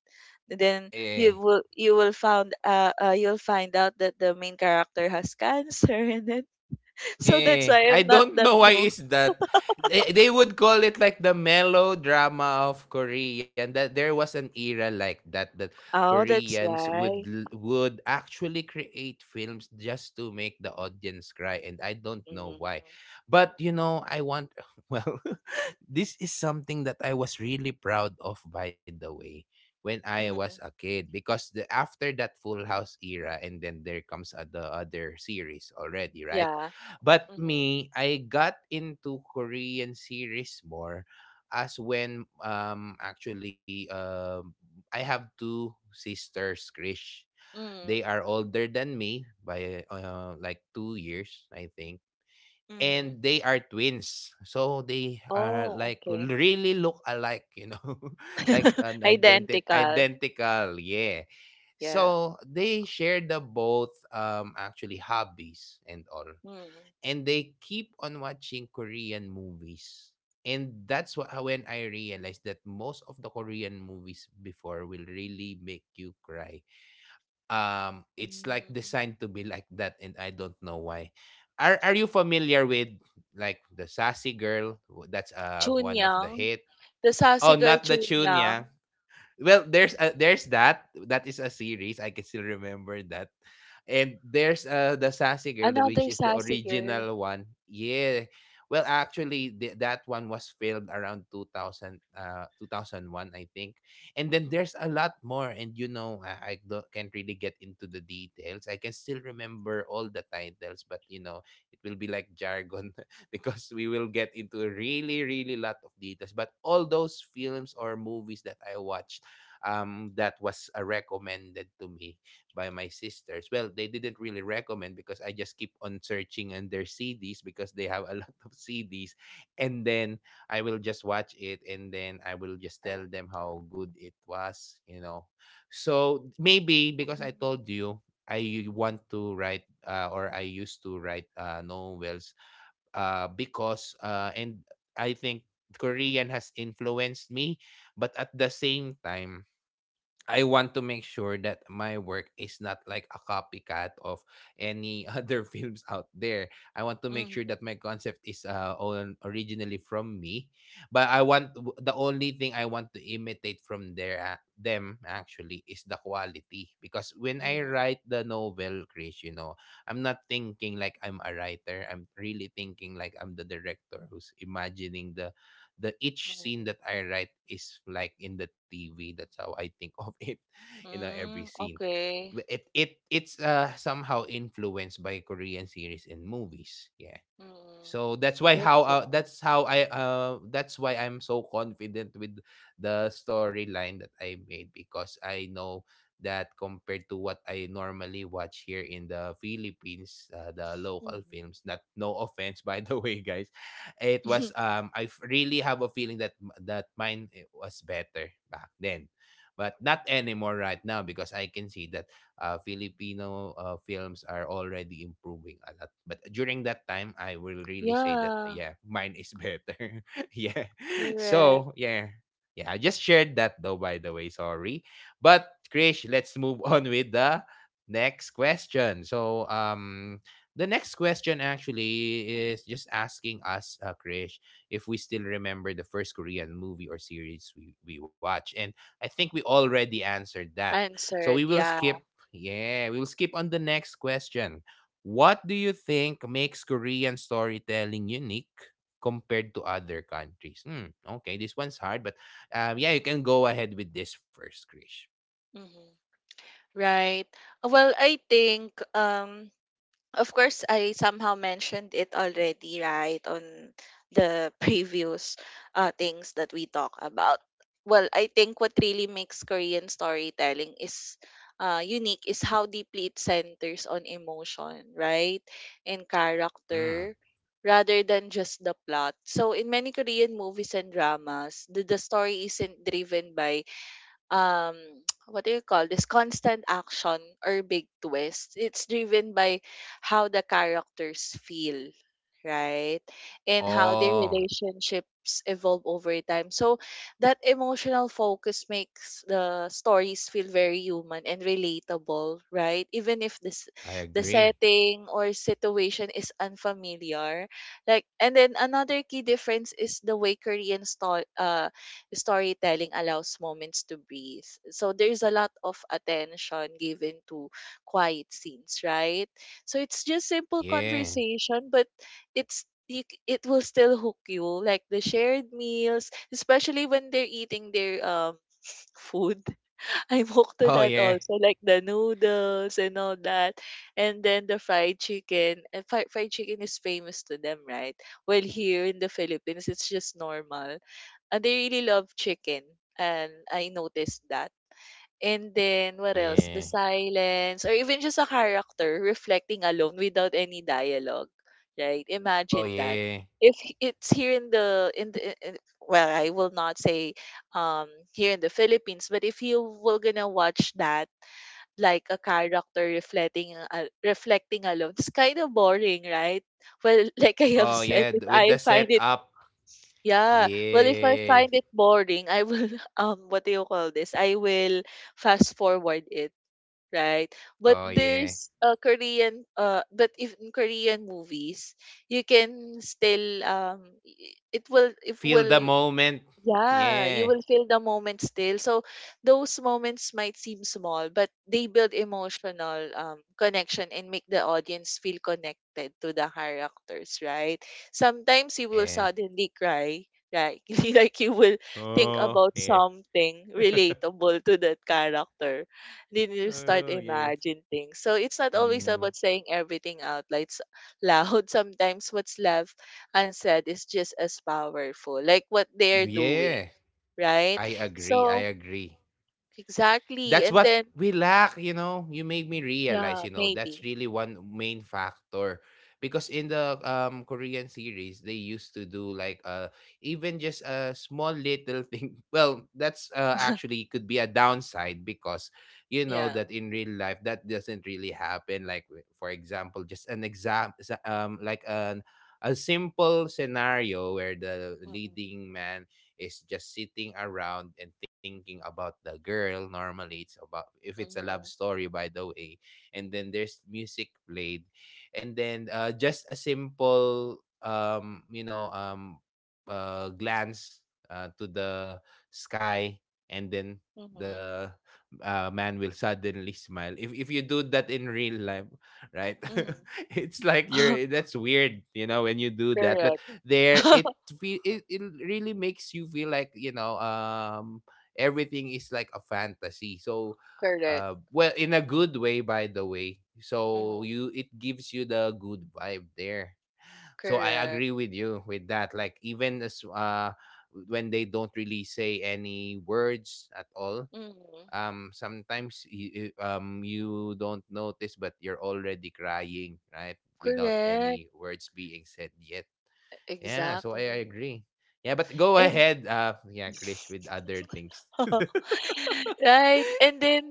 B: Then
A: yeah.
B: you will found you'll find out that the main character has cancer and then so that's
A: Yeah.
B: why
A: I
B: I'm not
A: don't
B: that.
A: know why is that. They would call it like the melodrama of Korean. That there was an era like that that
B: Oh, that's
A: Koreans would
B: why.
A: would actually create films just to make the audience cry, and I don't know
B: Mm.
A: why. But you know, I want well, this is something that I was really proud of by the way when I was a
B: Mm.
A: kid, because the after that Full House era, and then there comes the other series already, right?
B: Yeah.
A: But
B: Mm-hmm.
A: me, I got into Korean series more as when actually I have two sisters, Krish. They
B: Mm.
A: are older than me by like 2 years, I think.
B: Mm-hmm.
A: And they are twins. So they are
B: Oh,
A: like
B: okay.
A: really look alike, you know. Like an
B: Identical.
A: identical, yeah.
B: Yeah.
A: So they share the both actually hobbies and all.
B: Mm.
A: And they keep on watching Korean movies. And that's what, when I realized that most of the Korean movies before will really make you cry. It's like
B: Mm.
A: designed to be like that, and I don't know why. Are you familiar with like the Sassy Girl? That's one of the
B: Chunyang,
A: hit.
B: the sassy
A: Oh,
B: girl
A: not the tune,
B: Chunyang,
A: yeah. Well there's that, that is a series I can still remember that. And there's the Sassy Girl, which
B: another
A: is the
B: sassy girl.
A: original one, yeah. Well actually that one was filmed around 2000, uh, 2001, I think. And then there's a lot more, and you know I don't, can't really get into the details. I can still remember all the titles, but you know it will be like jargon because we will get into really really lot of details. But all those films or movies that I watched that was recommended to me by my sisters. Well, they didn't really recommend because I just keep on searching on their CDs, because they have a lot of CDs. And then I will just watch it, and then I will just tell them how good it was, you know. So maybe because I
B: Mm.
A: told you, I want to write or I used to write novels and I think Korean has influenced me, but at the same time, I want to make sure that my work is not like a copycat of any other films out there. I want to make sure
B: Mm-hmm.
A: that my concept is originally from me, but I want the only thing I want to imitate from their them actually is the quality, because when I
B: Mm-hmm.
A: write the novel, Chris, you know, I'm not thinking like I'm a writer. I'm really thinking like I'm the director who's imagining the each scene
B: Mm.
A: that I write is like in the TV. That's how I think of it. You know, every
B: Mm.
A: scene.
B: Okay.
A: But it it's somehow influenced by Korean series and movies. Yeah.
B: Mm.
A: So that's why
B: That's
A: how
B: why.
A: that's why I'm so confident with the storyline that I made, because I know that compared to what I normally watch here in the Philippines, the
B: Mm-hmm.
A: local films. Not no offense by the way, guys. It was I really have a feeling that that mine eh, was better back then. But not anymore right now, because I can see that Filipino films are already improving a lot. But during that time, I will really say that
B: Yeah,
A: yeah, mine is better. Yeah.
B: correct.
A: So yeah, yeah. I just shared that though. By the way, sorry. But Krish, let's move on with the next question. So The next question actually is just asking us, Krish, if we still remember the first Korean movie or series we watched. And I think we already answered that. So
B: Answered.
A: we will
B: Yeah.
A: skip, yeah, we'll skip on the next question. What do you think makes Korean storytelling unique compared to other countries? Hmm, okay, this one's hard, but yeah, you can go ahead with this first, Krish.
B: Mm-hmm. Right. Well, I think of course I somehow mentioned it already, right, on the previous things that we talk about. Well, I think what really makes Korean storytelling is unique is how deeply it centers on emotion, right? And
A: Hmm.
B: character rather than just the plot. So in many Korean movies and dramas, the story isn't driven by um what do you call this, constant action or big twist? It's driven by how the characters feel, right? And how their
A: Oh,
B: relationships evolve over time. So that emotional focus makes the stories feel very human and relatable, right? Even if this
A: I
B: the
A: agree.
B: setting or situation is unfamiliar. Like, and then another key difference is the way Korean storytelling allows moments to breathe. So there's a lot of attention given to quiet scenes, right? So it's just simple
A: Yeah.
B: conversation, but it's it will still hook you, like the shared meals, especially when they're eating their food. I'm hooked to
A: Oh,
B: that
A: yeah.
B: also, like the noodles and all that, and then the fried chicken. And fried chicken is famous to them, right? Well, here in the Philippines it's just normal. They really love chicken, and I noticed that. And then what else? The
A: Yeah.
B: silence, or even just a character reflecting alone without any dialogue, right?
A: Oh,
B: Imagine that.
A: yeah.
B: If h- It's here in the, well, I will not say here in the Philippines, but if you were gonna watch that, like a character reflecting alone, it's kind of boring, right? Well, like I have
A: Oh,
B: said,
A: yeah.
B: if
A: With
B: I
A: the
B: find it
A: setup.
B: yeah. Well, if I
A: Yeah.
B: find it boring, I will what do you call this? I will fast forward it, right? But
A: Oh, yeah.
B: there's a Korean, but if in Korean movies, you can still it
A: Feel the
B: will
A: moment.
B: yeah, you
A: Yeah.
B: will feel the moment still. So those moments might seem small, but they build emotional connection and make the audience feel connected to the characters, right? Sometimes you will
A: Yeah.
B: suddenly cry, right? Like you will think
A: Oh,
B: about
A: yeah.
B: something relatable to that character. Then you start
A: Oh, yes.
B: imagining things. So it's not always
A: Mm.
B: about saying everything out like loud. Sometimes what's left unsaid is just as powerful, like what they're doing,
A: Yeah,
B: right?
A: I agree. I
B: So
A: agree.
B: exactly,
A: That's
B: and
A: what
B: then
A: we lack, you know. You made me realize,
B: yeah,
A: you know, that's
B: maybe
A: really one main factor. Because in the Korean series, they used to do like even just a small little thing. Well, that's actually could be a downside, because you know
B: yeah.
A: that in real life that doesn't really happen. Like for example, just an exam, like an a simple scenario where the
B: Mm-mm.
A: leading man is just sitting around and thinking about the girl. Normally, it's about if it's a love
B: Mm-hmm.
A: story, by the way. And then there's music played, and then just a simple, glance to the sky, and then
B: Mm-hmm.
A: the man will suddenly smile. If you do that in real life, right?
B: Mm-hmm.
A: It's like you're that's weird, you know, when you do that. But
B: Correct.
A: there it it really makes you feel like you know everything is like a fantasy. So
B: Correct.
A: well, in a good way by the way, so
B: Mm-hmm.
A: you it gives you the good vibe there. So I
B: Correct.
A: agree with you with that, like even as when they don't really say any words at all,
B: Mm-hmm.
A: sometimes you don't notice, but you're already crying, right? Without
B: Correct.
A: any words being said yet, yeah. So I
B: Exactly.
A: agree, yeah. But go
B: And
A: ahead yeah Krish with other things.
B: right? And then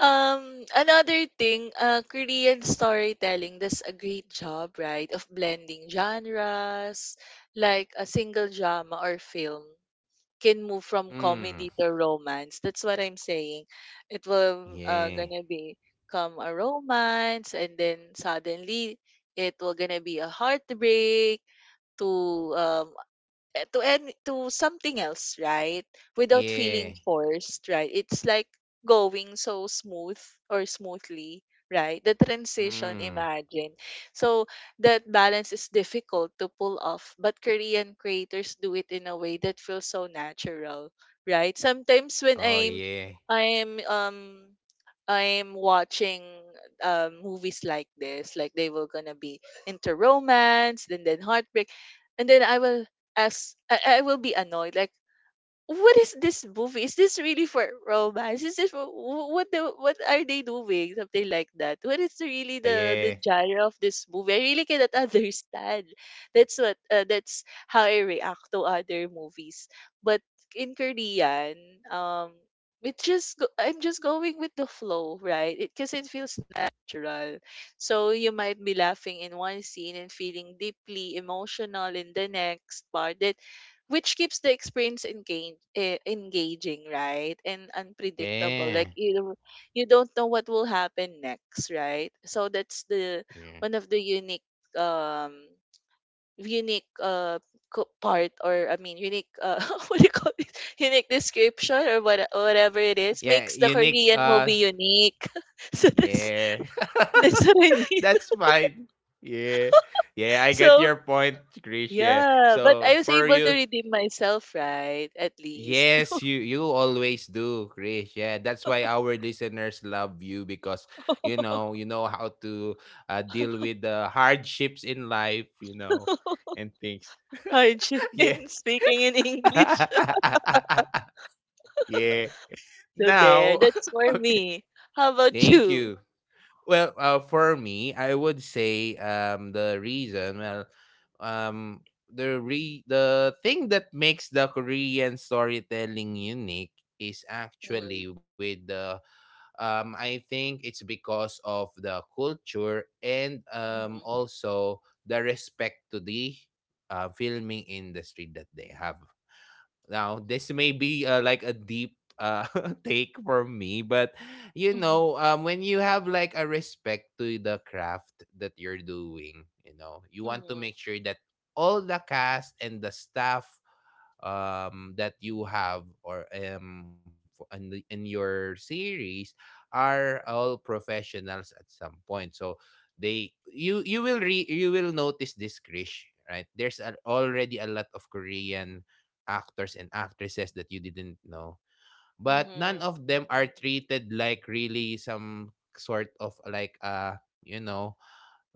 B: another thing, Korean storytelling does a great job, right, of blending genres, like a single drama or film can move from
A: Mm.
B: comedy to romance. That's what I'm saying. It will
A: Yeah.
B: gonna be come a romance, and then suddenly it will gonna be a heartbreak to um to any to something else, right? Without feeling
A: Yeah.
B: forced, right? It's like going so smooth or smoothly, right? The transition,
A: Mm.
B: imagine. So that balance is difficult to pull off, but Korean creators do it in a way that feels so natural, right? Sometimes when
A: Oh yeah.
B: I'm um I'm watching movies like this, like they were gonna be into romance, then heartbreak, and then I will I will be annoyed. Like, what is this movie? Is this really for romance? Is this for, what are they doing? Something like that. What is really
A: Oh
B: the
A: yeah.
B: genre of this movie? I really cannot understand. That's what that's how I react to other movies. But in Korean, um, it just I'm just going with the flow, right? It because it feels natural. So you might be laughing in one scene and feeling deeply emotional in the next part. That which keeps the experience engaging, right? And unpredictable.
A: Yeah.
B: Like you don't know what will happen next, right? So that's the
A: Yeah.
B: one of the unique um unique part or I mean unique what do you call it? Unique description or whatever it is
A: Yeah
B: makes the
A: unique
B: Korean movie unique. So
A: yeah.
B: that's what I mean.
A: That's fine. Yeah. Yeah, I get
B: So
A: your point, Krish. Yeah.
B: yeah, but
A: So
B: I was
A: for
B: able to
A: you,
B: redeem myself, right? At least.
A: yes, you always do, Krish. Yeah. That's why our listeners love you, because you know how to deal with the hardships in life, you know, and things.
B: Hardship
A: Yeah.
B: in speaking in English.
A: Yeah.
B: So
A: Now,
B: there, that's for
A: okay.
B: me. How about
A: Thank
B: you?
A: you. Well, for me, I would say the reason well um the thing that makes the Korean storytelling unique is
B: Mm,
A: actually with the I think it's because of the culture, and
B: mhm,
A: also the respect to the filming industry that they have. Now, this may be like a deep take for me, but
B: mhm,
A: when you have like a respect to the craft that you're doing, you want to
B: mhm,
A: make sure that all the cast and the staff that you have or in your series are all professionals at some point, so they you you will re, you will notice this, Krish. Right, there's already a lot of Korean actors and actresses that you didn't know, but none
B: mhm,
A: of them are treated like really some sort of like you know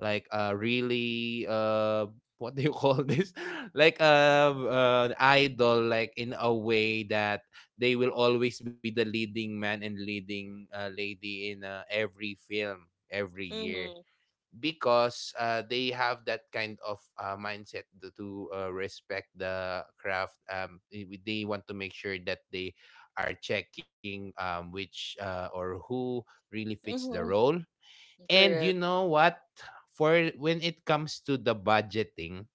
A: like really what do you call this, like idol, like in a way that they will always be the leading man and leading lady in every film, every year,
B: mhm,
A: because they have that kind of mindset to respect the craft. They want to make sure that they are checking, which or who really fits the
B: mhm.
A: role. And you
B: Correct.
A: know what? For when it comes to the budgeting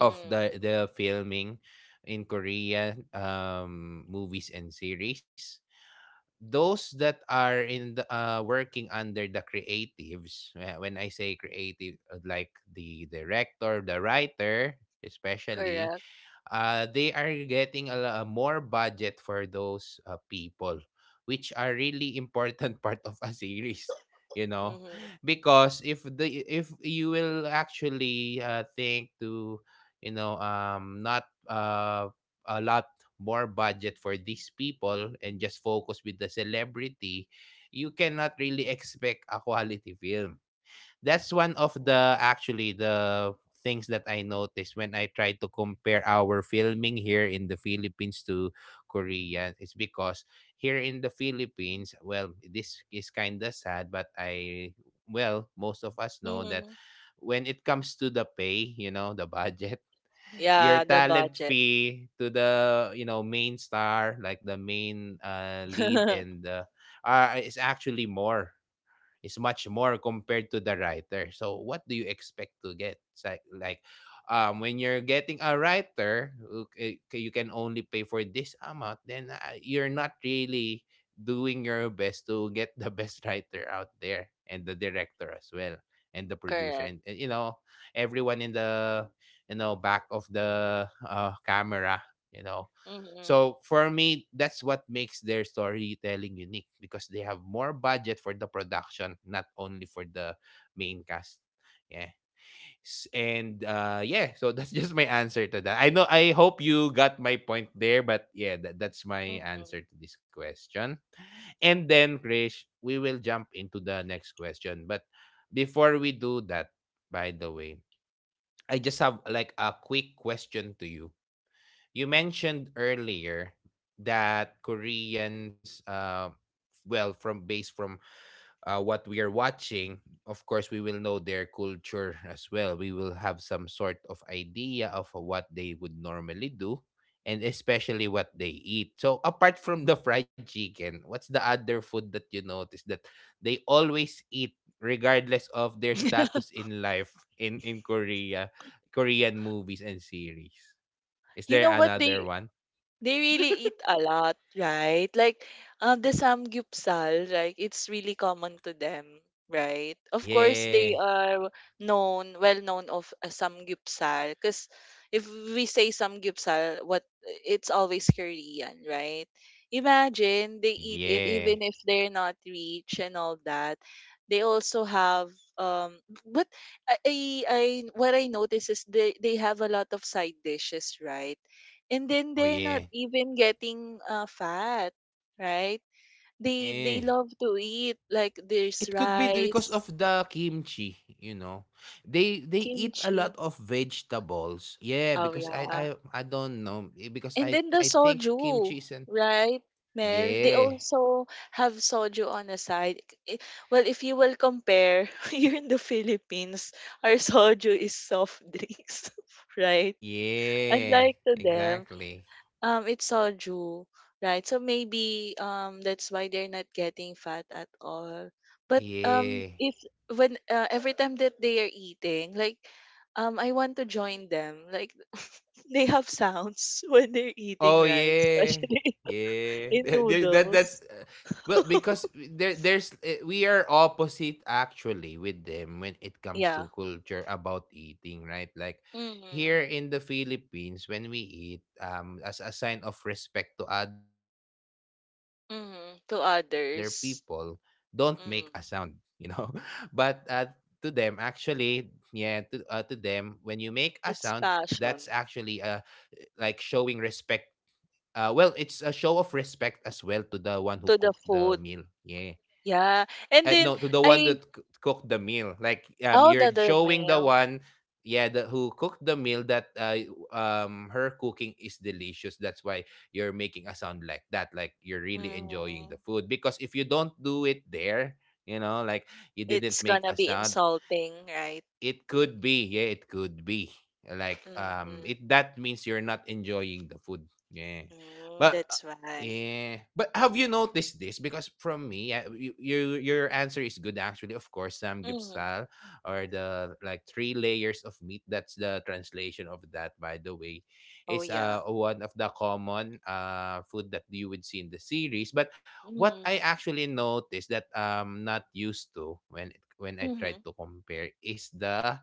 A: of the filming in Korea movies and series, those that are in the working under the creatives, when I say creative, like the director, the writer especially,
B: Correct.
A: they are getting more budget for those people, which are really important part of a series. You know,
B: Mhm,
A: because if you will actually think to, not a lot more budget for these people and just focus with the celebrity, you cannot really expect a quality film. That's one of the
B: mhm,
A: actually the things that I noticed when I try to compare our filming here in the Philippines to Korea, is because here in the Philippines, well, this is kind of sad, but well, most of us know that
B: mhm.
A: when it comes to the pay, the budget, your
B: Yeah, the
A: talent
B: budget.
A: fee to the main star, like the main lead, and is actually more is much more compared to the writer. So what do you expect to get? It's like when you're getting a writer, okay, you can only pay for this amount, then you're not really doing your best to get the best writer out there, and the director as well, and the producer,
B: Correct.
A: and everyone in the, back of the camera you know
B: Mm-hmm.
A: so for me, that's what makes their storytelling unique because they have more budget for the production, not only for the main cast. Yeah. And yeah, so that's just my answer to that. I know, I hope you got my point there, but yeah, that's my answer
B: Mm-hmm.
A: to this question. And then, Krish, we will jump into the next question. But before we do that, by the way, I just have like a quick question to you. You mentioned earlier that Koreans, well, from based from what we are watching, of course, we will know their culture as well. We will have some sort of idea of what they would normally do, and especially what they eat. So, apart from the fried chicken, what's the other food that you notice that they always eat, regardless of their status in life, in Korea, Korean movies and series? Is
B: You
A: there
B: know what
A: another
B: they
A: one?
B: They really eat a lot, right? Like, the samgyupsal, right? It's really common to them, right? Of course,
A: Yeah.
B: they are known, well known of a samgyupsal, because if we say samgyupsal, what it's always Korean, right? Imagine they eat it
A: Yeah.
B: even if they're not rich and all that. They also have um, but I, I what I notice is they have a lot of side dishes, right? And then
A: Oh,
B: they're not
A: yeah.
B: even getting fat, right? They
A: Yeah.
B: they love to eat like there's
A: It could be because of
B: rice,
A: the kimchi, you know. They eat a
B: kimchi.
A: lot of vegetables. Yeah,
B: Oh
A: because I I
B: yeah.
A: I don't know, eh, because
B: And
A: I
B: then the
A: I think kimchi
B: soju,
A: is an...
B: right? Mel, they
A: Yeah.
B: also have soju on the side. I- Well, if you will compare, here in the Philippines, our soju is soft drinks, right?
A: Yeah.
B: Unlike to them,
A: Exactly.
B: um, it's soju, right? So maybe that's why they're not getting fat at all. But
A: Yeah.
B: if when every time that they are eating, like I want to join them. Like they have sounds when they're eating,
A: Oh
B: right?
A: yeah,
B: Especially
A: yeah.
B: in
A: Th- th- That that's
B: noodles.
A: well, because there there's we are opposite actually with them when it comes
B: Yeah.
A: to culture about eating, right? Like,
B: Mm-hmm.
A: here in the Philippines, when we eat, as a sign of respect to other people, don't make
B: Mm-hmm.
A: a
B: To
A: sound, you know.
B: others.
A: But
B: Mm.
A: to them, actually, yeah, to them, when you make a sound, that's
B: It's
A: actually a,
B: passion
A: like, showing respect. Well, it's a show of respect as well to the one who cooked the
B: to the
A: meal.
B: food.
A: Yeah.
B: Yeah.
A: No, to
B: And
A: the
B: then
A: one that
B: I,
A: cooked the meal. Like, you're
B: oh, the
A: showing the
B: meal.
A: one, yeah, the who cooked the meal, that her cooking is delicious. That's why you're making a sound like that, like you're really enjoying
B: Mm-hmm.
A: the food. Because if you don't do it there, you know, like, you didn't
B: It's
A: make
B: gonna
A: a
B: be
A: sound,
B: insulting, right?
A: it could be. Yeah, it could be. Like,
B: Mhm.
A: it that means you're not enjoying the food. Yeah.
B: Mm,
A: But
B: that's why.
A: yeah, but have you noticed this? Because from me, your answer is good, actually. Of course, Sam
B: Mhm.
A: Gipsal, or the like three layers of meat. That's the translation of that, by the way.
B: Oh,
A: It's
B: yeah.
A: one of the common food that you would see in the series. But what I
B: Mhm.
A: actually noticed that I'm not used to, when I tried
B: Mhm.
A: to compare, is the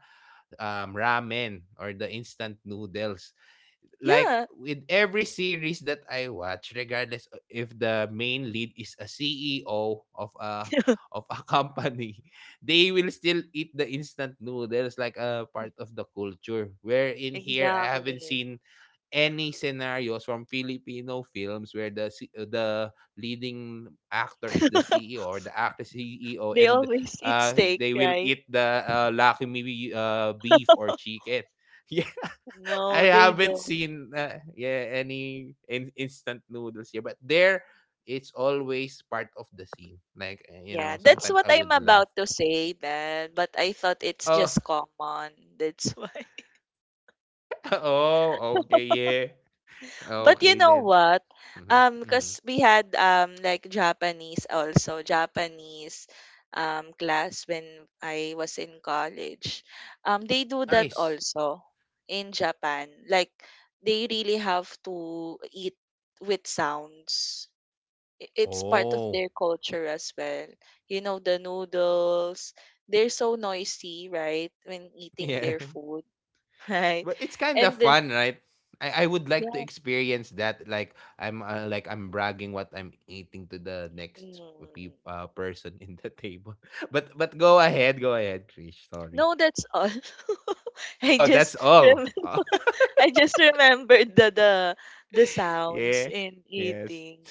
A: ramen or the instant noodles. Like,
B: Yeah.
A: with every series that I watch, regardless if the main lead is a CEO of a company, they will still eat the instant noodles like a part of the culture. Where in here, I haven't
B: Exactly.
A: seen any scenarios from Filipino films where the leading actor is the CEO, or the actress CEO,
B: They
A: and
B: always eat steak,
A: they will
B: right?
A: eat the lakmi beef or chicken. Yeah.
B: No,
A: I
B: they
A: haven't
B: don't.
A: seen yeah, any instant noodles here, but there it's always part of the scene. Like,
B: Yeah, that's
A: sometimes
B: what
A: I
B: I'm
A: would laugh.
B: about to say, man. But I thought it's
A: Oh,
B: just common. That's why.
A: oh, okay, yeah,
B: But you
A: okay
B: know
A: then.
B: what?
A: Mhm, mhm.
B: Because we had like Japanese also, Japanese class when I was in college. They do that
A: Nice.
B: also in Japan. Like they really have to eat with sounds. I- It's part of
A: Oh,
B: their culture as well. You know, the noodles, they're so noisy, right? When eating
A: yeah.
B: their food, right?
A: But it's kind of
B: And the-
A: fun, right? I would like to
B: yeah.
A: experience that. Like I'm bragging what I'm eating to the next
B: Mm.
A: person in the table. But go ahead, Krish. Sorry.
B: No, that's all. I
A: Oh, that's
B: just rem
A: all. Oh,
B: I just remembered the the sounds
A: yeah.
B: in
A: Yes.
B: eating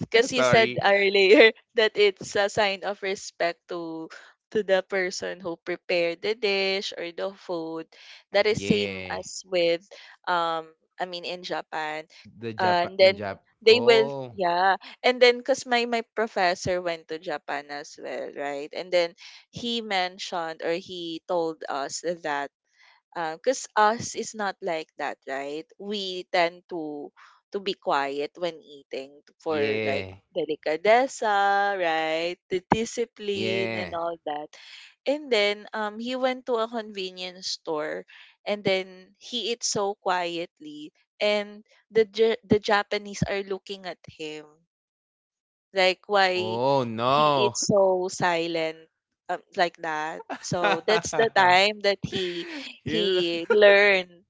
B: because he said
A: Sorry.
B: earlier that it's a sign of respect to the person who prepared the dish or the food. That is same
A: Yeah.
B: as with um I mean in Japan.
A: The
B: And
A: Japan in
B: then
A: Jap.
B: they will,
A: Oh.
B: yeah. And then because my professor went to Japan as well, right? And then he mentioned or he told us that because us is not like that, right? We tend to be quiet when eating for like
A: Yeah.
B: delicadeza, right? The discipline and
A: Yeah.
B: all that. And then he went to a convenience store and then he eats so quietly and the Japanese are looking at him like why
A: Oh
B: he is
A: no.
B: so silent, like that, so that's the time that he
A: You know.
B: he learned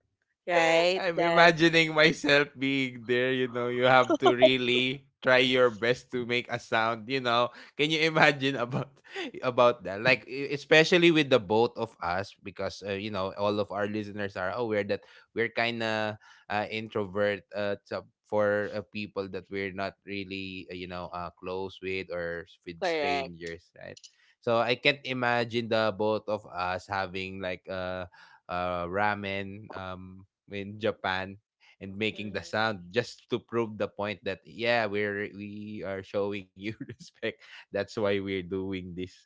B: right
A: I'm
B: that
A: imagining myself being there, you know, you have to really try your best to make a sound, you know. Can you imagine about about that? Like, especially with the both of us, because you know, all of our listeners are aware that we're kind of introvert, for people that we're not really, close with, or with
B: correct.
A: strangers, right? So I can't imagine the both of us having like ramen in Japan and making the
B: Hmm.
A: sound just to prove the point that, yeah, we are showing you respect. That's why we're doing this.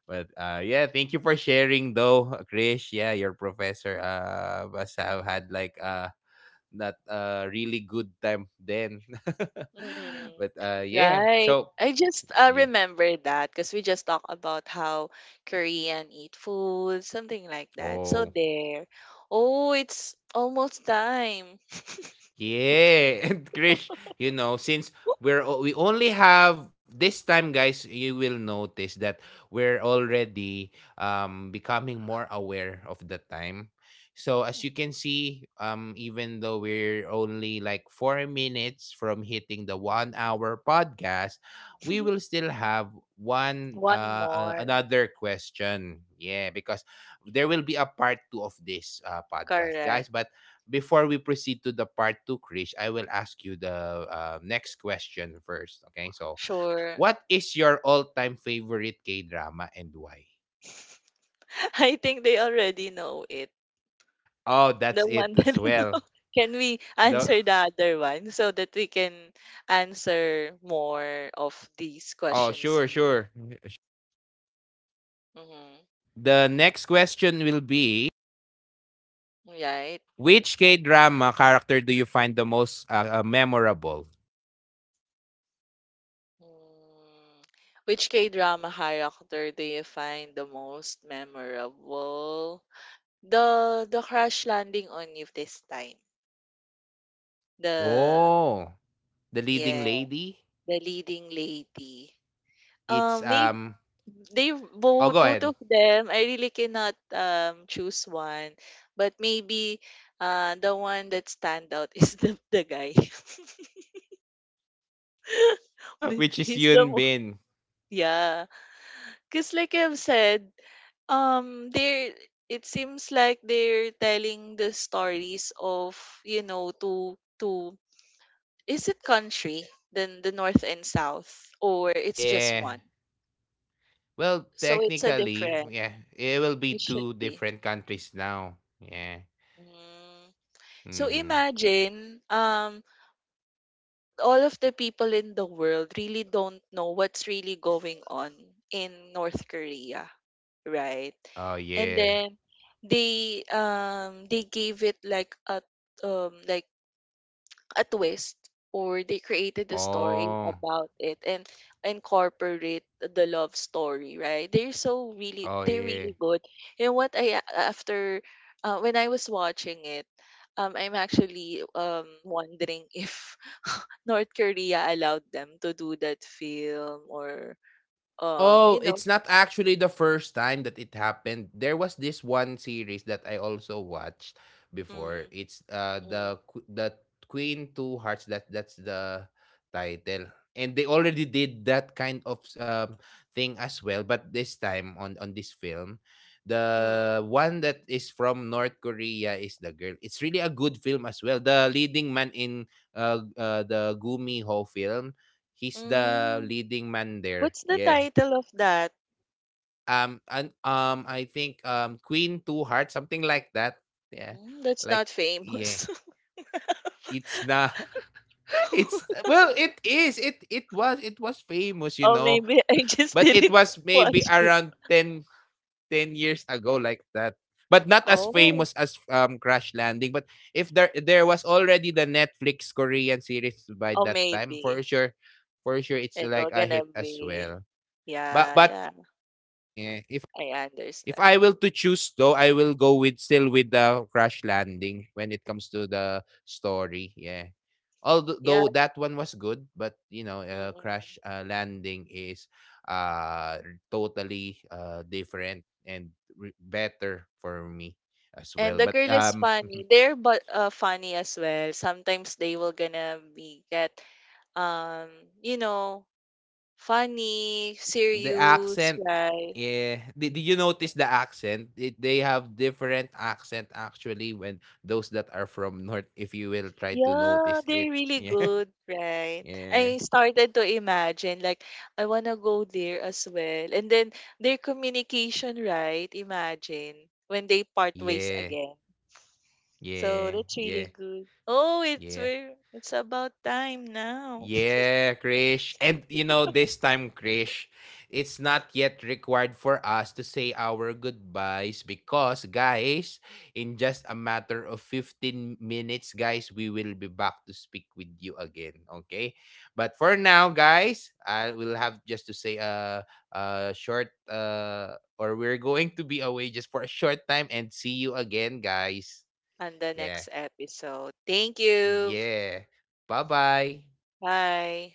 A: But yeah, thank you for sharing though, Krish. Yeah, your professor must have had like not a really good time then.
B: Hmm.
A: But yeah,
B: Right,
A: so
B: I just
A: yeah.
B: remember that because we just talked about how Korean eat food, something like that, so
A: Oh.
B: there. Oh, it's almost time.
A: Yeah, and Krish, you know, since we only have this time, guys, you will notice that we're already becoming more aware of the time. So as you can see, even though we're only like 4 minutes from hitting the one hour podcast, we will still have one
B: One more.
A: another question. Yeah, because there will be a part two of this podcast,
B: Correct.
A: guys. But before we proceed to the part two, Krish, I will ask you the next question first. Okay, so
B: Sure.
A: what is your all-time favorite K-drama, and why?
B: I think they already know it.
A: Oh, that's
B: The one
A: it as
B: that no.
A: well.
B: Can we
A: The
B: answer the other one so that we can answer more of these
A: Oh,
B: questions
A: sure,
B: here?
A: sure.
B: Mm-hmm.
A: The next question will be,
B: Right.
A: which K-drama character do you find the most memorable?
B: Mm. Which K drama character do you find the most memorable? The Crash Landing on You this time. The,
A: Oh, the leading
B: yeah,
A: lady.
B: the leading lady.
A: It's
B: May,
A: um.
B: they
A: Oh,
B: both,
A: go
B: both
A: ahead.
B: of them I really cannot choose one, but maybe the one that stand out is the guy.
A: Which is
B: He's the
A: Yun
B: mo-,
A: Bin.
B: yeah, because like I've said, they're, it seems like they're telling the stories of, you know, to, is it country, then the north and south, or it's just
A: Yeah.
B: one?
A: Well,
B: So it's a
A: technically,
B: different,
A: yeah, it will be
B: it should
A: two
B: be.
A: different countries now. Yeah.
B: Mm. So
A: Mm-hmm.
B: imagine, all of the people in the world really don't know what's really going on in North Korea, right?
A: Oh
B: And
A: yeah.
B: then they gave it like a twist, or they created a story
A: Oh.
B: about it and incorporate the love story, right? They're so, really,
A: Oh
B: they're
A: yeah.
B: really good. And what I after, when I was watching it, I'm actually wondering if North Korea allowed them to do that film, or you
A: Oh,
B: know.
A: it's not actually the first time that it happened. There was this one series that I also watched before.
B: Mm,
A: It's
B: mm,
A: the Queen Two Hearts. That's the title, and they already did that kind of thing as well. But this time on this film,
B: mm,
A: the one that is from North Korea is the girl. It's really a good film as well. The leading man in the Gumi Ho film, he's the
B: mm.
A: leading man there.
B: What's the
A: Yeah,
B: title of that?
A: and I think, Queen Two Hearts, something like that. Yeah,
B: Mm, that's
A: like,
B: not
A: yeah,
B: famous.
A: it's not. It's, well, it is. It was famous,
B: Oh,
A: you know,
B: maybe I
A: but
B: just
A: it
B: didn't
A: was
B: watch
A: maybe
B: it.
A: around ten years ago, like that. But not as
B: Oh,
A: famous as Crash Landing. But if there was already the Netflix Korean series by
B: oh,
A: that time,
B: maybe
A: for sure, it's like
B: it'll
A: a
B: gonna
A: hit as
B: be.
A: well. But
B: Yeah,
A: but
B: yeah,
A: yeah,
B: I
A: If
B: understand.
A: I will to choose though, I will go with still with the Crash Landing when it comes to the story. Yeah.
B: Yeah,
A: Although that one was good, but, you know, Crash
B: mm-mm.
A: Landing is uh totally different and better for me as
B: And
A: well.
B: the
A: But
B: girl is funny. They're but funny as well. Sometimes they will gonna be get um, you know, funny,
A: the
B: serious,
A: accent
B: right?
A: yeah, did you
B: Mm-hmm.
A: notice the accent? They have different accent actually, when those that are from north, if you will try to
B: Yeah,
A: notice
B: they're
A: it.
B: really
A: Yeah.
B: good, right?
A: Yeah,
B: I started to imagine, like, I wanna go there as well. And then their communication, right? Imagine when they part ways
A: yeah,
B: again. So
A: yeah,
B: that's really
A: yeah,
B: good. Oh,
A: yeah,
B: it's about time now.
A: yeah, Krish. And you know, this time, Krish, it's not yet required for us to say our goodbyes because, guys, in just a matter of 15 minutes, guys, we will be back to speak with you again. Okay. But for now, guys, I will have just to say a short, or we're going to be away just for a short time, and see you again, guys.
B: On the next
A: Yeah.
B: episode. Thank you.
A: Yeah. Bye bye.
B: Bye.